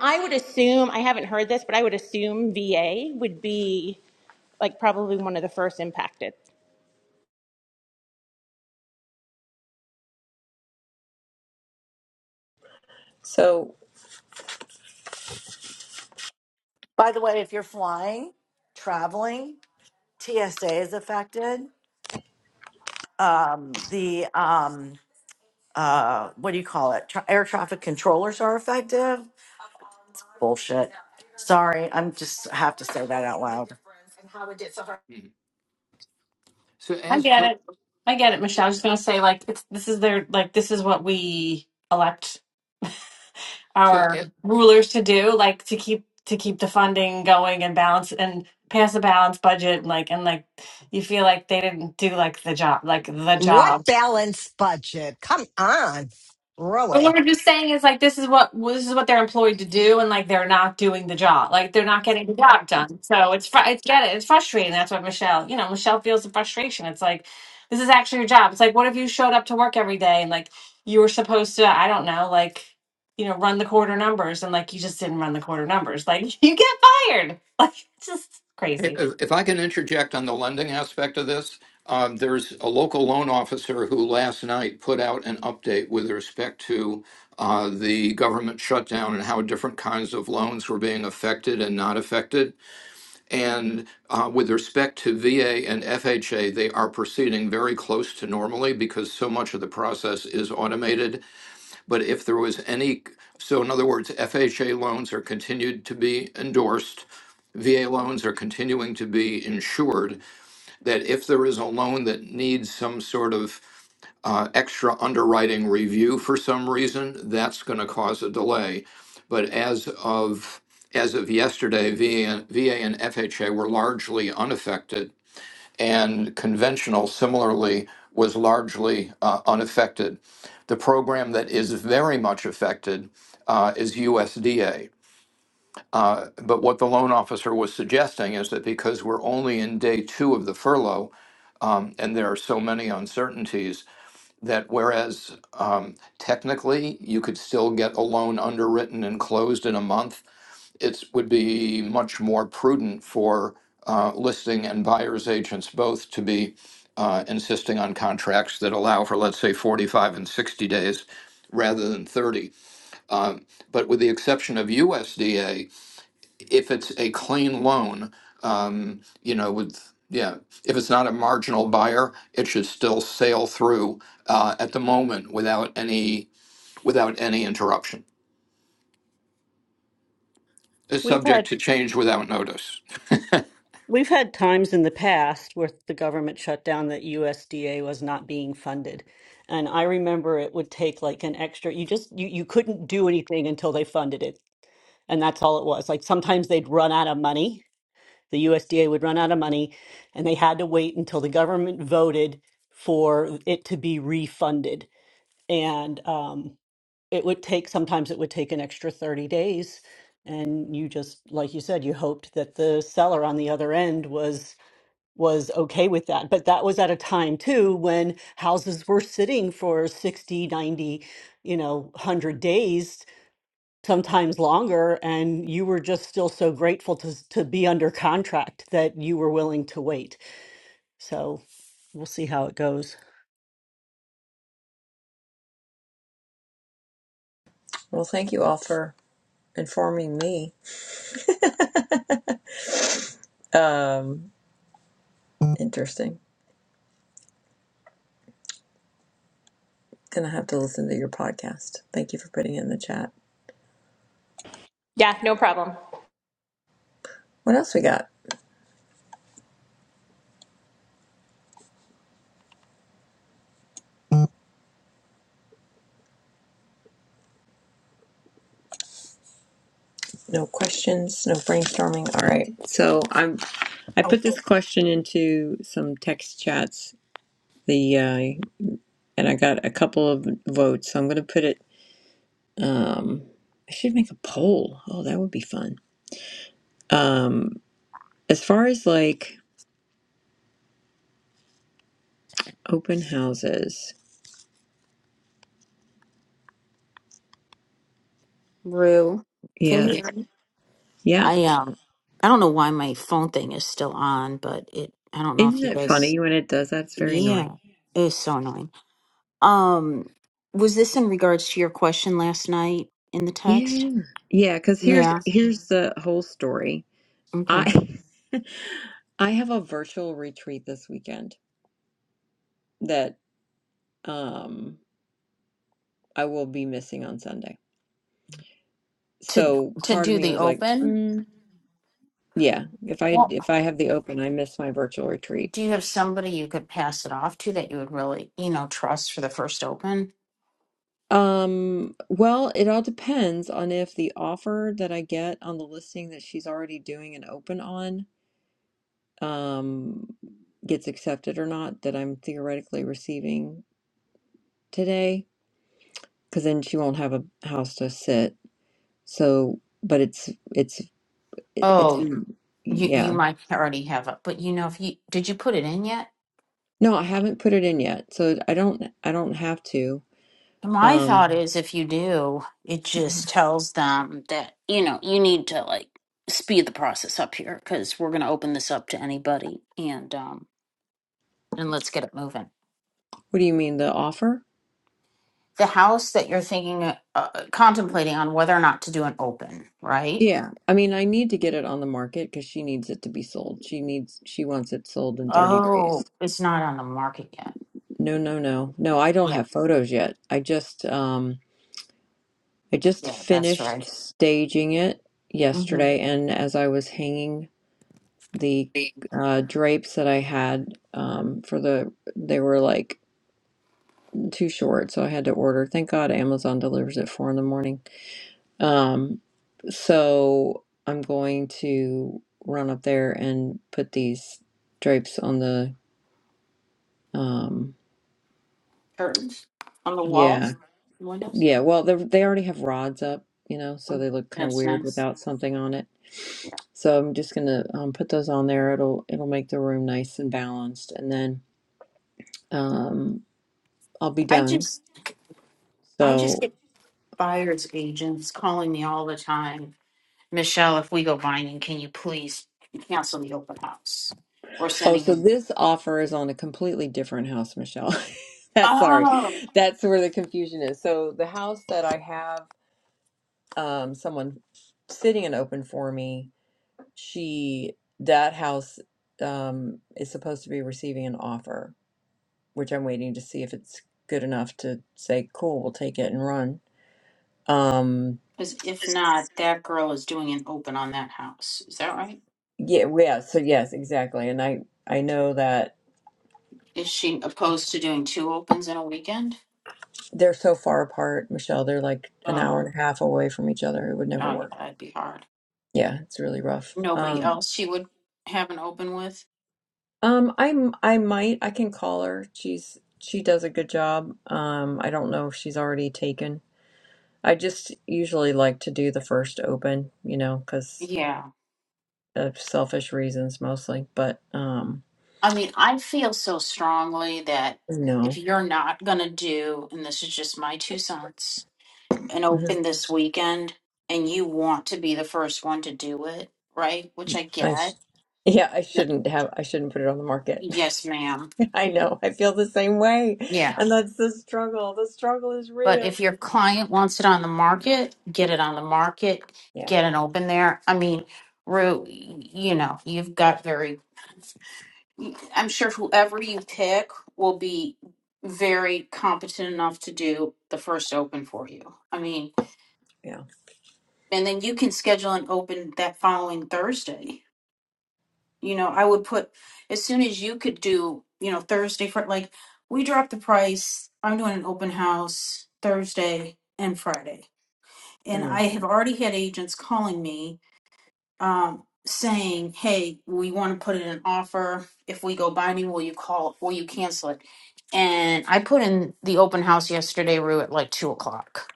R: I would assume, I haven't heard this, but I would assume VA would be like probably one of the first impacted.
A: So,
C: By the way, if you're flying, traveling, TSA is affected. Um, the, um, uh, what do you call it? Tra- air traffic controllers are affected. Bullshit. Sorry, I'm just have to say that out loud.
O: Mhm. So
P: I get it. I get it, Michelle. I was just going to say, like, it's this is their like this is what we elect
O: So
P: our
O: eh,
P: rulers to do, like to keep to keep the funding going and balance and pass a balanced budget, like and like you feel like they didn't do like the job, like the
B: What
P: job.
B: balanced budget? Come on,
P: But what
B: really?
P: I'm just saying is like this is what well, this is what they're employed to do, and like they're not doing the job, like they're not getting the job done. So it's fr- it's get it, it's frustrating. That's what Michelle, you know, Michelle feels the frustration. It's like this is actually your job. It's like what if you showed up to work every day and like you were supposed to, I don't know, like you know, run the quarter numbers, and like you just didn't run the quarter numbers, like you get fired. Like it's just
O: eh, if,
P: crazy.
O: if I can interject on the lending aspect of this, um, there's a local loan officer who last night put out an update with respect to uh, the government shutdown and how different kinds of loans were being affected and not affected. And uh, with respect to VA and FHA, they are proceeding very close to normally because so much of the process is automated But if there was any, so in other words, FHA loans are continued to be endorsed. VA loans are continuing to be insured. That if there is a loan that needs some sort of uh, extra underwriting review for some reason, that's going to cause a delay. But as of as of yesterday, VA, and- VA and FHA were largely unaffected and conventional similarly was largely uh, unaffected. The program that is very much affected uh, is USDA. Uh, but what the loan officer was suggesting is that because we're only in day two of the furlough um, and there are so many uncertainties, that whereas um, technically you could still get a loan underwritten and closed in a month, it would be much more prudent for uh, listing and buyer's agents both to be uh, insisting on contracts that allow for, let's say, 45 and 60 days rather than 30. Um, but with the exception of USDA, if it's a clean loan, um, you know, with, yeah, if it's not a marginal buyer, it should still sail through uh, at the moment without any, without any interruption. It's
I: We
O: subject
I: had.
O: to change without notice.
I: We've had times in the past where the government shut down that USDA was not being funded. And I remember it would take like an extra, you just, you, you couldn't do anything until they funded it. And that's all it was. Like sometimes they'd run out of money. The USDA would run out of money and they had to wait until the government voted for it to be refunded. And um, it would take, sometimes it would take an extra 30 days. And you just, like you said, you hoped that the seller on the other end was was okay with that. But that was at a time too when houses were sitting for 60, 90, you know, 100 days, sometimes longer. And you were just still so grateful to, s- to be under contract that you were willing to wait. So we'll see how it goes.
A: well, thank you all for informing me. Um, interesting. Gonna have to listen to your podcast. Thank you for putting it in the chat.
R: Yeah, no problem.
A: What else we got? No questions, no brainstorming. All right. So I'm I put this question into some text chats. The uh, and I got a couple of votes. So I'm gonna put it. Um, I should make a poll. Oh, that would be fun. Um, As far as like open houses,
L: rue can
A: yeah,
L: you hear me
A: yeah.
L: i um i don't know why my phone thing is still on but it i don't know if
A: Isn't
L: you
A: it
L: guys
A: funny when it does that? It's very annoying.
L: yeah it's so annoying um was this in regards to your question last night in the text
A: Yeah, yeah. Because here's
L: yeah
A: here's the whole story.
L: okay
A: I I have a virtual retreat this weekend that um I will be missing on Sunday.
L: to
A: So
L: to
A: part of
L: do
A: me
L: the
A: was like,
L: open
A: mm, yeah, if I
L: well
A: if I have the open, I miss my virtual retreat.
L: do you have somebody you could pass it off to that you would really you know trust for the first open
A: Um, well, it all depends on if the offer that I get on the listing that she's already doing an open on um gets accepted or not that I'm theoretically receiving today, because then she won't have a house to sit. So, but it's it's it- it's
L: oh
A: Mm.
L: you you
A: yeah.
L: might already have it but you know if you did you put it in yet
A: No, I haven't put it in yet, so I don't I don't have to.
L: my thought
A: Um,
L: is if you do it
A: Mhm.
L: just tells them that you know you need to like speed the process up here because we're going to open this up to anybody and um and let's get it moving
A: what do you mean the offer?
L: the house that you're thinking, uh, contemplating on whether or not to do an open, right?
A: Yeah, I mean, I need to get it on the market because she needs it to be sold. She needs, she wants it sold in 30 days.
L: Oh, it's not on the market yet.
A: No, no, no. No, I don't
L: Yeah,
A: have photos yet. I just, um, I just
L: yeah, that's
A: finished
L: right.
A: staging it
L: hmm
A: yesterday, and as I was hanging the
L: The
A: uh, drapes that I had, um, for the, they were like too short, so I had to order. Thank God Amazon delivers at four in the morning. Um, so I'm going to run up there and put these drapes on the um
L: curtains on the
A: yeah,
L: walls, the windows.
A: yeah. Well, they they already have rods up, you know, so
L: Mm,
A: they look kind of
L: That's
A: weird
L: nice.
A: without something on it.
L: Yeah.
A: So I'm just gonna um, put those on there. It'll it'll make the room nice and balanced, and then um I'll be
L: I
A: done.
L: just, I just
A: So
L: get buyers agents calling me all the time. Michelle, if we go binding, can you please cancel the open house? We're
A: oh,
L: sending
A: so
L: them.
A: this offer is on a completely different house, Michelle. That's sorry.
L: Oh,
A: That's where the confusion is. So the house that I have um, someone sitting an open for me, she that house um, is supposed to be receiving an offer, which I'm waiting to see if it's good enough to say, cool, we'll take it and run. Um,
L: because if not, that girl is doing an open on that house. Is that right?
A: yeah, w- yeah. So yes, exactly. And I I know that
L: Is she opposed to doing two opens in a weekend?
A: they're so far apart, Michelle. They're like an hour
L: Oh, oh
A: and a half away from each other. It would never
L: yeah,
A: work.
L: that'd be hard.
A: Yeah, it's really rough.
L: Nobody
A: Um,
L: else she would have an open with?
A: Um, I'm I might I can call her. She's she does a good job. Um, I don't know if she's already taken. I just usually like to do the first open, you know, because
L: Yeah.
A: of selfish reasons mostly. But um,
L: I mean, I feel so strongly that if
A: no,
L: you're not going to do, and this is just my two cents, an
A: Mhm.
L: open this weekend and you want to be the first one to do it, right? Which I
A: I sh-
L: get.
A: yeah, I shouldn't have. I shouldn't put it on the market.
L: Yes, ma'am.
A: I know. I feel the same way,
L: Yeah.
A: and that's the struggle. The struggle is
L: But
A: real.
L: if your client wants it on the market, get it on the market,
A: Yeah,
L: get an open there. I mean, Rue, you know, you've got very, I'm sure whoever you pick will be very competent enough to do the first open for you. I mean,
A: yeah.
L: and then you can schedule an open that following Thursday. You know, I would put as soon as you could do, you know, Thursday for like, we drop the price. I'm doing an open house Thursday and Friday and I
A: Mm.
L: have already had agents calling me um, saying, "Hey, we want to put in an offer. If we go binding, will you call? Will you cancel it?" And I put in the open house yesterday, Rue, at like two o'clock.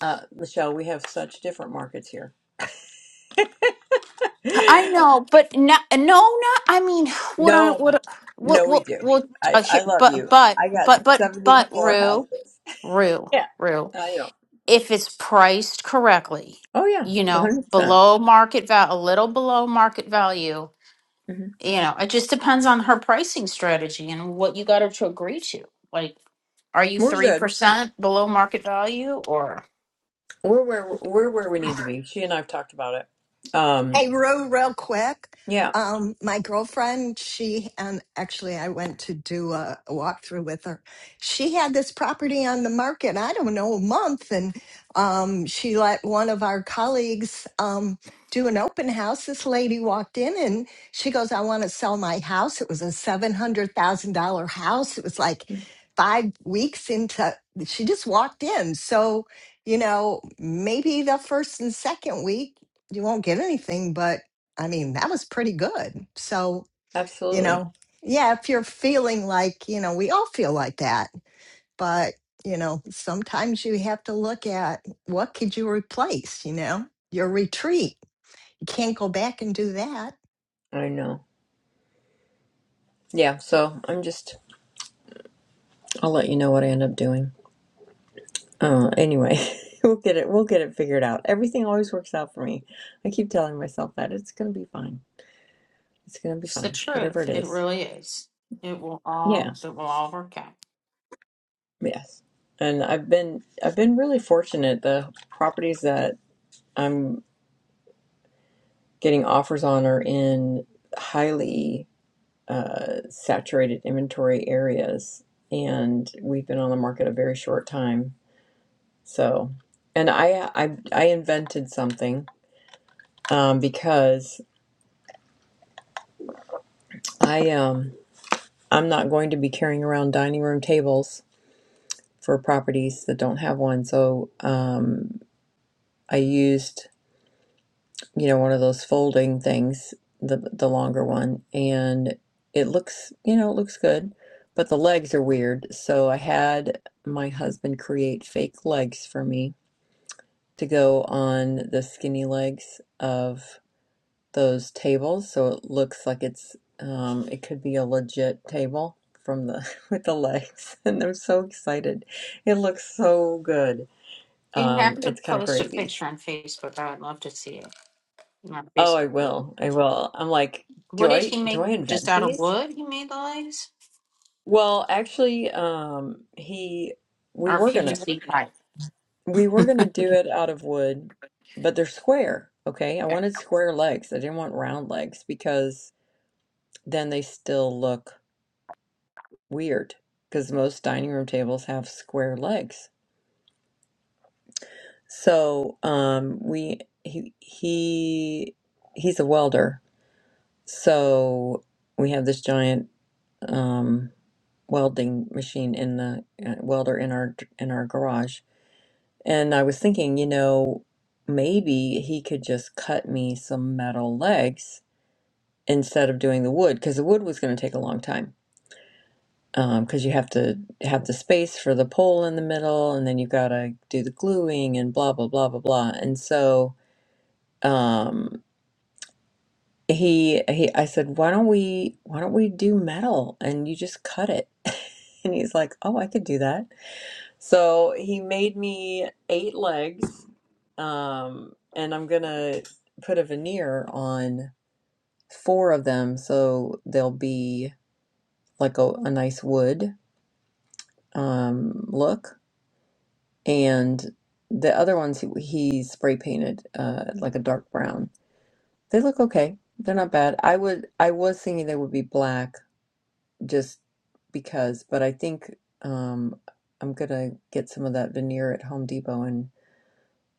A: Uh, Michelle, we have such different markets here.
L: I know, but no, no, not. I mean, what I
A: No.
L: what what
A: No, we
L: what
A: do.
L: what
A: I,
L: uh, here,
A: I love
L: but
A: you.
L: but
A: I
L: but
A: got
L: but but
A: 74
L: Rue,
A: houses.
L: Rue,
A: Yeah.
L: Rue.
A: I know.
L: If it's priced correctly,
A: Oh, yeah,
L: you know,
A: 100%. percent
L: below market value, a little below market value,
A: hmm
L: you know it just depends on her pricing strategy and what you got her to agree to like are you
A: We're good.
L: 3% below market value or
A: We're where, we're where we need to be. She and I have talked about it. Um,
B: Hey, real, real quick.
A: yeah,
B: Um, my girlfriend, she, and actually I went to do a, a walkthrough with her. She had this property on the market, I don't know, a month. And um, she let one of our colleagues um, do an open house. This lady walked in and she goes, I want to sell my house. It was a $700,000 house. It was like five weeks into, she just walked in. So, you know, maybe the first and second week, you won't get anything, but I mean, that was pretty good. So, you
A: absolutely.
B: know, yeah, if you're feeling like, you know, we all feel like that, but, you know, sometimes you have to look at what could you replace, you know, your retreat. You can't go back and do that.
A: I know. Yeah, so I'm just, I'll let you know what I end up doing. Uh, anyway, we'll get it, we'll get it figured out. Everything always works out for me. I keep telling myself that it's going to be fine. It's going to be
L: it's the
A: fine, whatever
L: truth
A: it
L: it
A: is.
L: really is it will
A: Yeah.
L: all it will all work out
A: Yes. And I've been I've been really fortunate. The properties that I'm getting offers on are in highly uh, saturated inventory areas, and we've been on the market a very short time. So, and I I, I invented something um, because I um I'm not going to be carrying around dining room tables for properties that don't have one. So um, I used you know, one of those folding things, the the longer one, and it looks, you know, it looks good, but the legs are weird. So I had my husband create fake legs for me to go on the skinny legs of those tables, so it looks like it's um it could be a legit table from the with the legs, and I'm so excited. It looks so good.
L: you have
A: Um,
L: to
A: it's kind of
L: post a
A: crazy.
L: picture on facebook i would love to see it in our
A: Oh, I
L: facebook group
A: will. I will. I'm like,
L: what
A: do
L: did
A: I
L: he
A: do
L: make
A: I
L: just
A: invent
L: out of
A: these?
L: wood he made the legs
A: Well, actually, um, he we
L: or
A: were gonna
L: pvc pipe
A: we were gonna do it out of wood, but they're square, okay? I wanted square legs. I didn't want round legs because then they still look weird because most dining room tables have square legs. So, um, we he he he's a welder. So, we have this giant um welding machine in the uh, welder in our in our garage and i was thinking you know maybe he could just cut me some metal legs instead of doing the wood because the wood was going to take a long time Um, 'cause because you have to have the space for the pole in the middle and then you got to do the gluing and blah blah blah blah blah and so um he he i said why don't we why don't we do metal and you just cut it and he's like oh i could do that So he made me eight legs, um, and I'm gonna put a veneer on four of them so they'll be like a, a nice wood um, look. And the other ones he, he spray painted uh, like a dark brown. They look okay. They're not bad. I would I was thinking they would be black just because, but I think um, I'm gonna get some of that veneer at Home Depot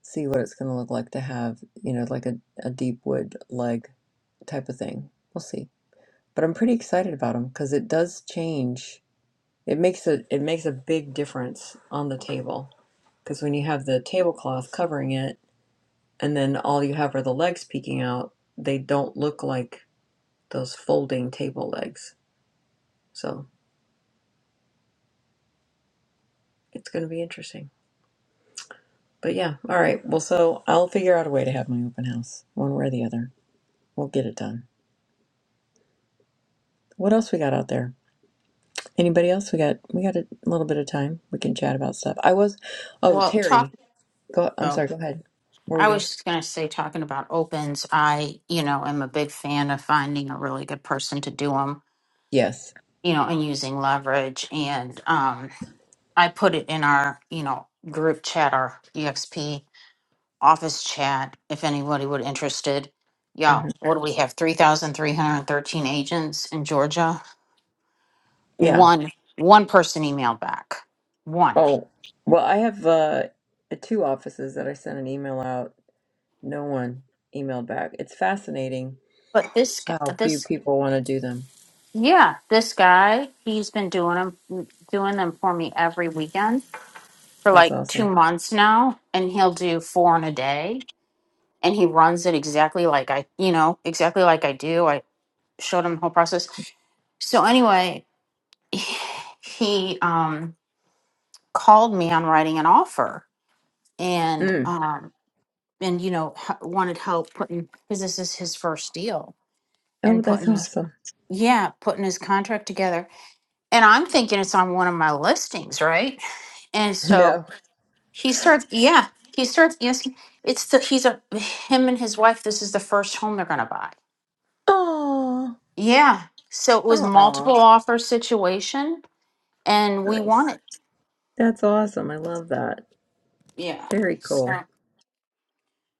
A: see what it's going to look like to have, you know, like a, a deep wood leg type of thing. We'll see. But I'm pretty excited about them because it does change. It makes a it makes a big difference on the table because when you have the tablecloth covering it and then all you have are the legs peeking out, they don't look like those folding table legs. So it's going to be interesting. But yeah, all right. Well, so I'll figure out a way to have my open house one way or the other. We'll get it done. What else we got out there? Anybody else? We got we got a little bit of time. We can chat about stuff. I was, oh
L: well talk
A: Terry, go. I'm
L: oh
A: sorry. Go ahead. What Were we
L: i
A: gonna?
L: was
A: s-
L: just going to say talking about opens i you know am a big fan of finding a really good person to do them
A: Yes.
L: you know, and using leverage. And um, I put it in our, you know, group chat, our EXP office chat, if anybody would interested.
A: hmm
L: y'all. what do we have? Three thousand three hundred thirteen agents in Georgia.
A: Yeah.
L: One one person emailed back. One.
A: Oh well, I have uh two offices that I sent an email out. No one emailed back. It's fascinating
L: But this guy,
A: how few
L: this
A: people want to do them.
L: yeah, this guy, he's been doing them, doing them for me every weekend for
A: That's
L: like two
A: awesome.
L: months now, and he'll do four in a day and he runs it exactly like I, you know, exactly like I do. I showed him the whole process. So anyway, he um, called me on writing an offer, and
A: Mm.
L: um, and you know h- wanted help putting because this is his first deal
A: Oh,
L: and
A: that's
L: putting his
A: awesome.
L: yeah putting his contract together. And I'm thinking it's on one of my listings, right? And so
A: No.
L: he starts, yeah, he starts asking. It's the he's a him and his wife. This is the first home they're gonna buy
A: Oh.
L: Yeah. So it was
A: Oh.
L: multiple offer situation and we
A: Nice.
L: won it.
A: That's awesome. I love that.
L: Yeah.
A: Very
L: So
A: cool.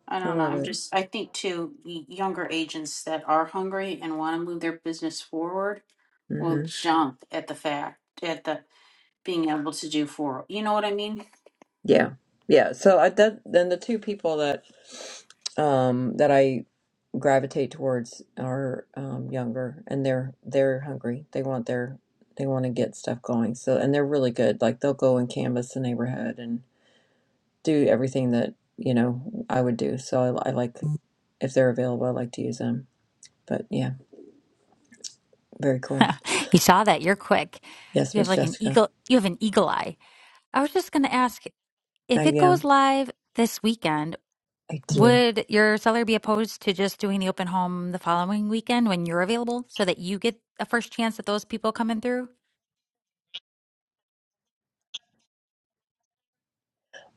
L: I
A: I
L: don't know.
A: love
L: I'm
A: it.
L: just, I think too, y- younger agents that are hungry and want to move their business forward
A: Mm-hmm.
L: will jump at the fact, at the being able to do four. You know what I mean?
A: Yeah. Yeah. So I that then the two people that um that I gravitate towards are um younger and they're they're hungry. They want their they want to get stuff going. So and they're really good. Like they'll go and canvas the neighborhood and do everything that, you know, I would do. So I, I like if they're available, I like to use them. But yeah, very cool.
J: You saw that. You're quick.
A: Yes,
J: You have
A: Miss
J: like an
A: Jessica.
J: eagle you have an eagle eye. I was just going to ask
A: I
J: if it
A: am.
J: goes live this weekend.
A: I do.
J: Would your seller be opposed to just doing the open home the following weekend when you're available so that you get a first chance at those people coming through?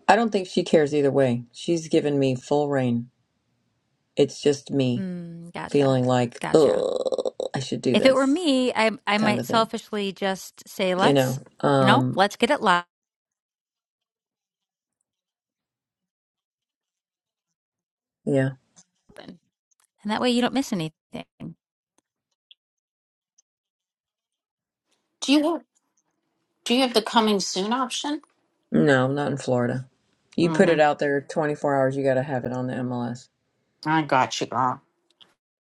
A: I don't think she cares either way. She's given me full reign. It's just me.
J: Hmm, gotcha.
A: feeling like,
J: Gotcha.
A: oh, I should do
J: If it were
A: this
J: me, I I
A: kind of
J: might
A: a thing,
J: selfishly just say,
A: you
J: let's,
A: know?
J: you know,
A: Um,
J: let's get it live.
A: yeah.
J: And that way you don't miss anything.
L: Do you have, do you have the coming soon option?
A: No, not in Florida. You put
L: Mm-hmm.
A: it out there 24 hours, you got to have it on the MLS.
L: I got you, girl.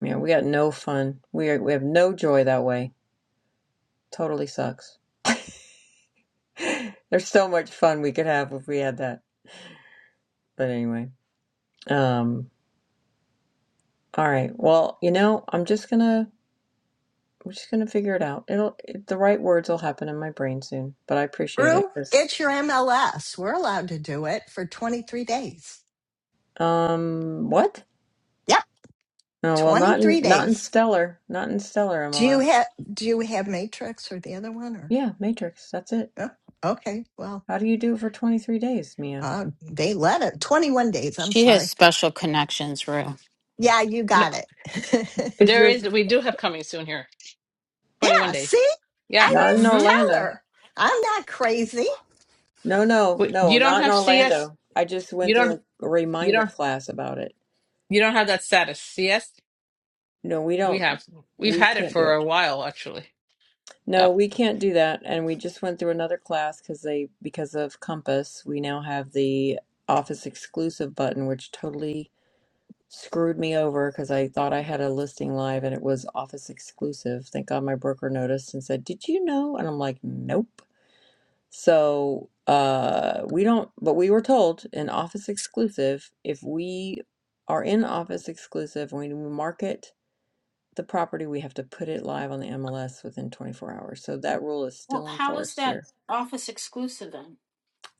A: Yeah, we got no fun. We are, we have no joy that way. Totally sucks. There's so much fun we could have if we had that. But anyway, um, all right. Well, you know, I'm just gonna I'm just gonna figure it out. It'll it, the right words will happen in my brain soon. But I appreciate it.
B: Brew,
A: 'cause-
B: get your MLS. We're allowed to do it for 23 days.
A: um, what?
B: Yep,
A: Oh, well, not in
B: 23
A: not in
B: days.
A: stellar, not in stellar
B: Do you
A: MLS.
B: have do you have Matrix or the other one or?
A: Yeah, Matrix. That's it.
B: Oh, okay, well,
A: How do you do it for 23 days, Mia?
B: uh, they let it 21 days. I'm
L: She
B: sorry.
L: has special connections, Rue.
B: Yeah, you
H: No,
B: got it.
A: Is
H: there
A: your
H: is. We do have coming soon here. Twenty-one
B: yeah,
H: days.
B: see?
H: Yeah.
B: I
A: not in
B: just
H: Mm-hmm.
B: tell
A: Orlando?
B: her. I'm not crazy.
A: No, no, no,
H: You don't
A: not in
H: have CS.
A: Orlando. I just went
H: You
A: through
H: don't.
A: a
H: You
A: reminder
H: don't.
A: class about it.
H: You don't have that status. CS.
A: No, we
H: We
A: don't.
H: have we've
A: We
H: had it
A: can't do
H: for
A: it.
H: a while actually.
A: No,
H: Yep.
A: we can't do that. And we just went through another class because they because of Compass, we now have the Office exclusive button, which totally screwed me over because I thought I had a listing live and it was office exclusive. Thank God my broker noticed and said, Did you know? And I'm like, Nope. So uh we don't but we were told in office exclusive, if we are in office exclusive and we market the property, we have to put it live on the MLS within 24 hours. So that rule is
L: Well,
A: still
L: how is
A: enforced
L: that
A: here.
L: office exclusive then?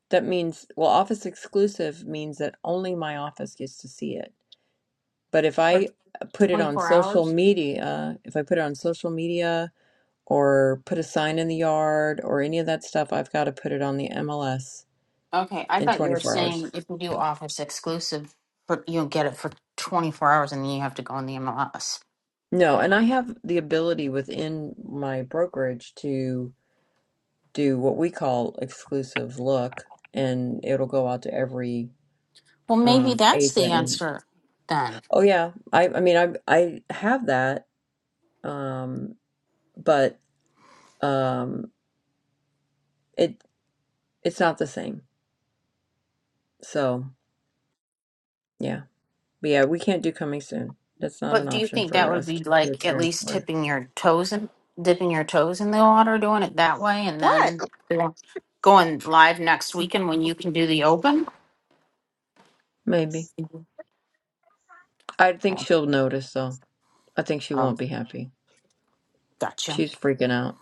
A: That means well office exclusive means that only my office gets to see it. But if
L: For
A: I uh, put it on
L: 24
A: social
L: hours?
A: media, if I put it on social media or put a sign in the yard or any of that stuff, I've got to put it on the MLS
L: Okay, I
A: in
L: thought you were
A: 24
L: saying
A: hours.
L: if you do office exclusive, but you'll get it for 24 hours and then you have to go on the MLS.
A: No, and I have the ability within my brokerage to do what we call exclusive look, and it'll go out to every
L: Well, maybe
A: um,
L: that's the
A: agent. And
L: answer then.
A: oh yeah, I I mean I I have that, um, but um, it it's not the same. So. Yeah. But yeah, we can't do coming soon. That's not an
L: But do you
A: option
L: think that
A: for
L: would
A: us
L: be like
A: kids
L: at
A: here in
L: least
A: Florida.
L: tipping your toes and dipping your toes in the water, doing it that way, and
B: What?
L: then go- going live next weekend when you can do the open?
A: Maybe.
L: Mhm.
A: I think
L: Oh,
A: she'll notice though. I think she
L: oh,
A: won't be happy.
L: gotcha.
A: She's freaking out.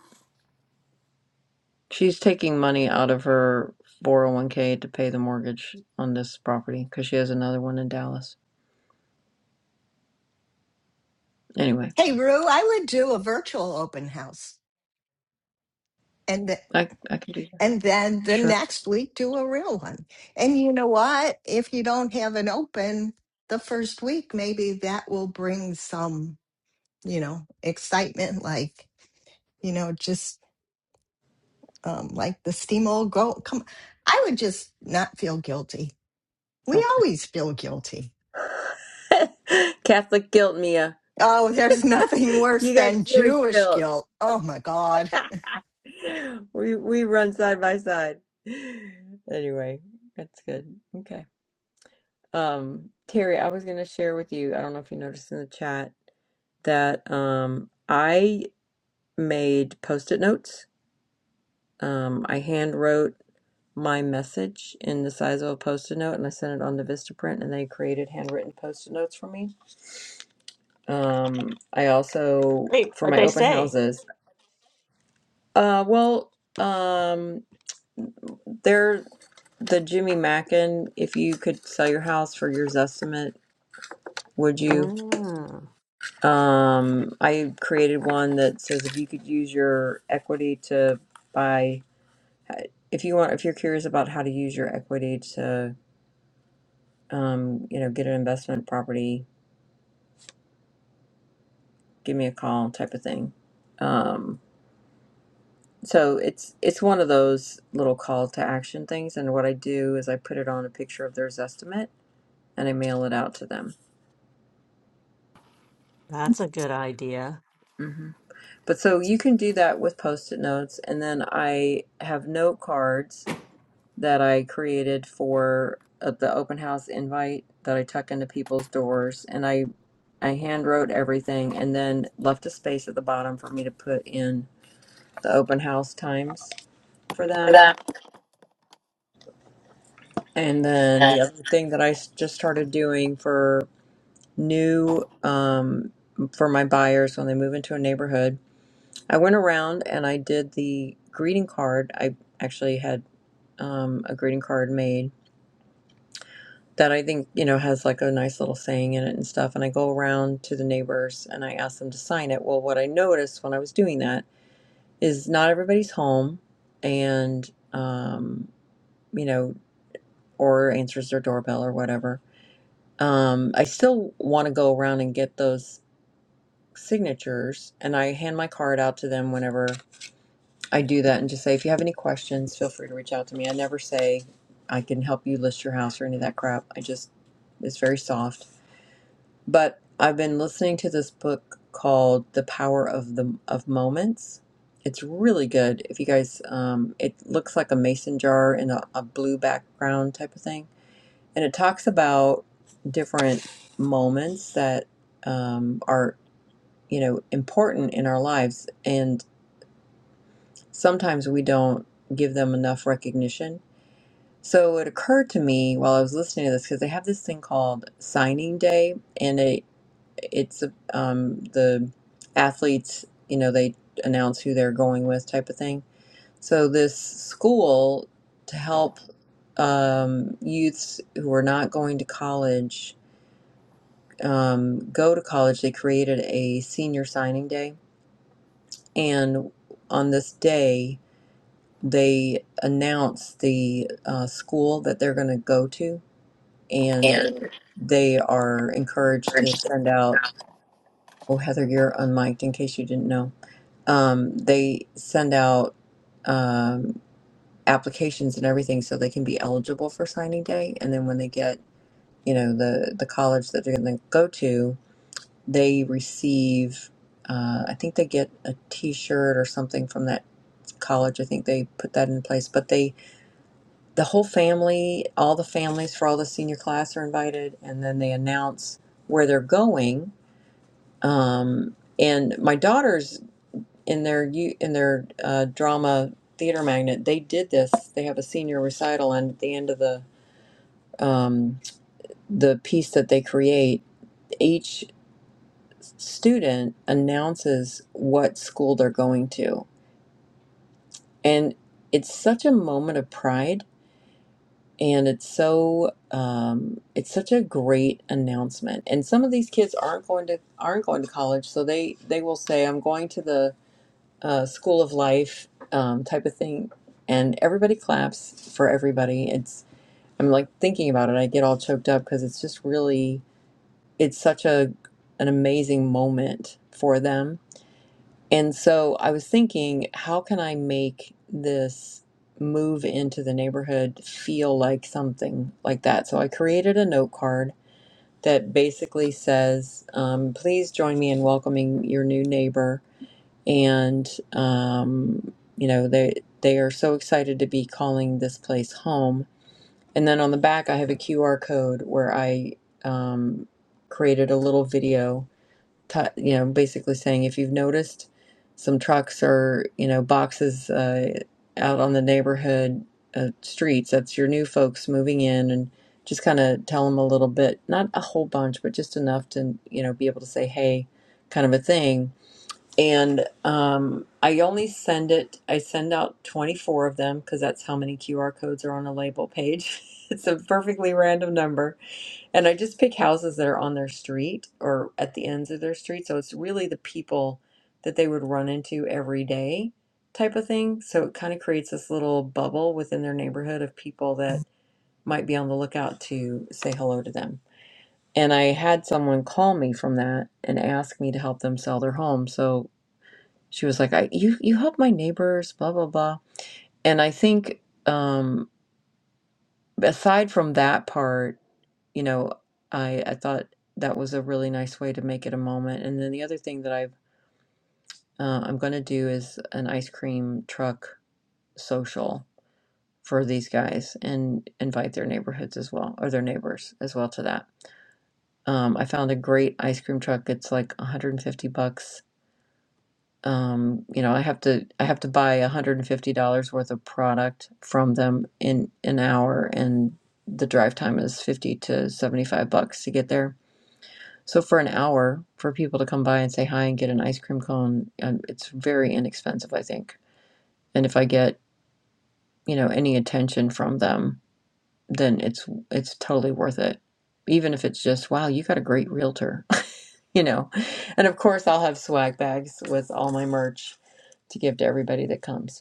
A: She's taking money out of her 401k to pay the mortgage on this property because she has another one in Dallas. Anyway,
B: Hey, Rue, I would do a virtual open house and th-
A: I I can do that.
B: and then the
A: Sure.
B: next week do a real one. And you know what? If you don't have an open the first week, maybe that will bring some, you know, excitement like, you know, just um like the steamroll go come I would just not feel guilty. We
A: Okay.
B: always feel guilty
A: Catholic guilt, Mia.
B: Oh, there's nothing worse
A: You got
B: than
A: Jewish
B: Jewish
A: guilt.
B: guilt. Oh my God.
A: we we run side by side. Anyway, that's good. Okay. Um, Terry, I was going to share with you, I don't know if you noticed in the chat that um, I made post-it notes. Um, I hand wrote my message in the size of a post-it note and I sent it on to Vistaprint and they created handwritten post-it notes for me. Um, I also
I: Wait,
A: for
I: what'd
A: my
I: they
A: open
I: say?
A: houses. Uh, well, um, they're the Jimmy Mackin. If you could sell your house for your estimate, would you? Um, I created one that says if you could use your equity to buy, uh, if you want, if you're curious about how to use your equity to, um, you know, get an investment property, give me a call type of thing. Um, so it's it's one of those little call to action things, and what I do is I put it on a picture of their estimate and I mail it out to them. hmm But so you can do that with post-it notes, and then I have note cards that I created for uh, the open house invite that I tuck into people's doors, and I I hand wrote everything, and then left a space at the bottom for me to put in the open house times for
F: for
A: them.
F: that.
A: And then the other thing that I s- just started doing for new um, for my buyers when they move into a neighborhood, I went around and I did the greeting card. I actually had um, a greeting card made that I think, you know, has like a nice little saying in it and stuff. And I go around to the neighbors and I ask them to sign it. Well, what I noticed when I was doing that is not everybody's home and, um, you know, or answers their doorbell or whatever. Um, I still want to go around and get those signatures and I hand my card out to them whenever I do that and just say, if you have any questions, feel free to reach out to me. I never say, I can help you list your house or any of that crap. I just, it's very soft But I've been listening to this book called The Power of the of Moments. It's really good. If you guys, um, it looks like a mason jar in a, a blue background type of thing, and it talks about different moments that um, are you know important in our lives, and sometimes we don't give them enough recognition. So it occurred to me while I was listening to this because they have this thing called signing day, and it. it's um, the athletes, you know, they announce who they're going with type of thing. So this school to help um, youths who are not going to college um, go to college, they created a senior signing day. And on this day, they announce the uh, school that they're going to go to. And
F: Yeah.
A: they are encouraged to send out, oh, Heather, you're unmiked in case you didn't know um, they send out um, applications and everything so they can be eligible for signing day. And then when they get, you know, the the college that they're going to go to, they receive. Uh, I think they get a T-shirt or something from that college. I think they put that in place. But they, the whole family, all the families for all the senior class are invited, and then they announce where they're going. Um, and my daughter's in their in their uh, drama theater magnet they did this they have a senior recital and at the end of the um, the piece that they create each student announces what school they're going to and it's such a moment of pride and it's so um, it's such a great announcement and some of these kids aren't going to aren't going to college so they they will say i'm going to the uh, school of life um, type of thing, and everybody claps for everybody. It's I'm like thinking about it, I get all choked up because it's just really it's such a an amazing moment for them. And so I was thinking, how can I make this move into the neighborhood feel like something like that? So I created a note card that basically says, um, "Please join me in welcoming your new neighbor." and um, you know they they are so excited to be calling this place home. And then on the back, I have a QR code where I um, created a little video, t- you know, basically saying if you've noticed some trucks or you know boxes uh, out on the neighborhood uh, streets, that's your new folks moving in, and just kind of tell them a little bit, not a whole bunch, but just enough to you know be able to say hey, kind of a thing and um, I only send it. I send out 24 of them because that's how many QR codes are on a label page. it's a perfectly random number, and I just pick houses that are on their street or at the ends of their street. So it's really the people that they would run into every day type of thing. So it kind of creates this little bubble within their neighborhood of people that might be on the lookout to say hello to them. And I had someone call me from that and ask me to help them sell their home. So she was like I, you you help my neighbors blah blah blah and i think um aside from that part you know i i thought that was a really nice way to make it a moment and then the other thing that i've uh, i'm going to do is an ice cream truck social for these guys and invite their neighborhoods as well or their neighbors as well to that um, i found a great ice cream truck it's like 150 bucks um, you know, I have to I have to buy $150 worth of product from them in an hour and the drive time is 50 to 75 bucks to get there. So for an hour for people to come by and say hi and get an ice cream cone, um, it's very inexpensive, I think. And if I get, you know, any attention from them, then it's it's totally worth it. Even if it's just, wow, you got a great realtor, you know. And of course, I'll have swag bags with all my merch to give to everybody that comes.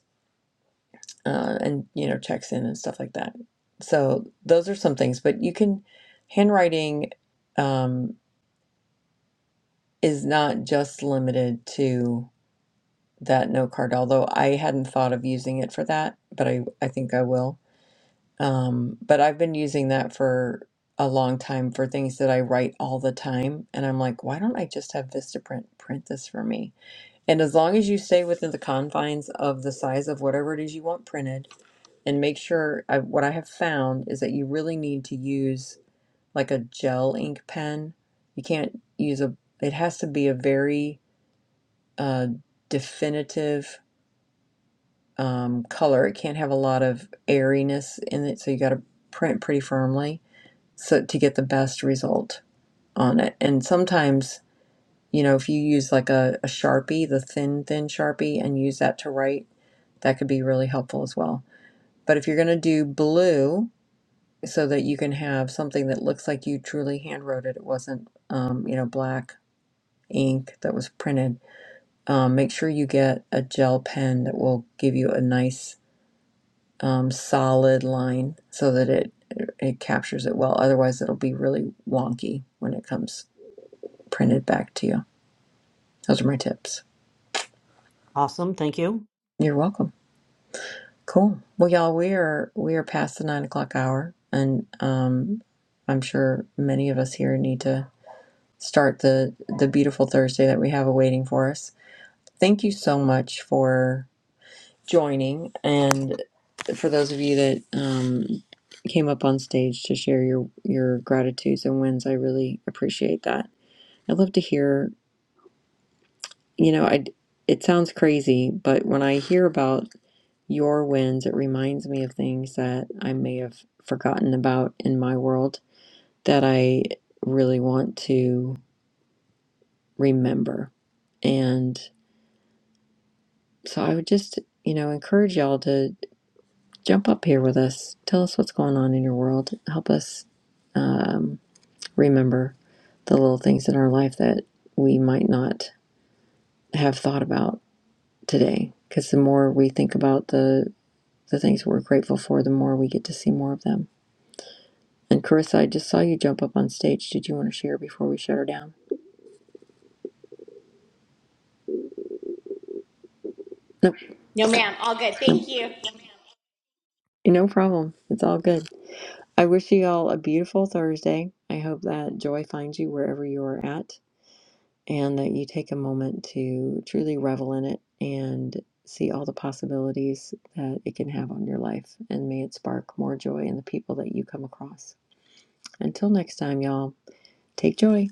A: uh, and you know checks in and stuff like that. So those are some things, but you can handwriting um, is not just limited to that note card. Although I hadn't thought of using it for that, but I I think I will. Um, but I've been using that for a long time for things that I write all the time, and I'm like, why don't I just have Vistaprint print this for me? And as long as you stay within the confines of the size of whatever it is you want printed and make sure I, what I have found is that you really need to use like a gel ink pen. You can't use a, it has to be a very uh, definitive um, color. It can't have a lot of airiness in it, so you got to print pretty firmly so to get the best result on it. And sometimes, you know, if you use like a, a Sharpie, the thin, thin Sharpie, and use that to write, that could be really helpful as well. But if you're going to do blue, so that you can have something that looks like you truly handwrote it. It wasn't, um, you know, black ink that was printed. Um, make sure you get a gel pen that will give you a nice um, solid line so that it it captures it well. Otherwise, it'll be really wonky when it comes printed back to you. Those are my tips.
I: Awesome. Thank you.
A: You're welcome. Cool. Well, y'all, we are we are past the nine o'clock hour, and um, I'm sure many of us here need to start the the beautiful Thursday that we have awaiting for us. Thank you so much for joining, and for those of you that um, came up on stage to share your your gratitudes and wins, I really appreciate that. I'd love to hear. You know, I it sounds crazy, but when I hear about your wins, it reminds me of things that I may have forgotten about in my world that I really want to remember. And So I would just, you know, encourage y'all to jump up here with us. Tell us what's going on in your world. Help us um, remember the little things in our life that we might not have thought about today. Because the more we think about the the things we're grateful for, the more we get to see more of them. And Carissa, I just saw you jump up on stage. Did you want to share before we shut her down? Nope.
R: No,
A: Okay.
R: ma'am. All good.
A: Nope.
R: Thank you.
A: No problem. It's all good. I wish you all a beautiful Thursday. I hope that joy finds you wherever you are at. and that you take a moment to truly revel in it and see all the possibilities that it can have on your life. And may it spark more joy in the people that you come across. Until next time, y'all, take joy.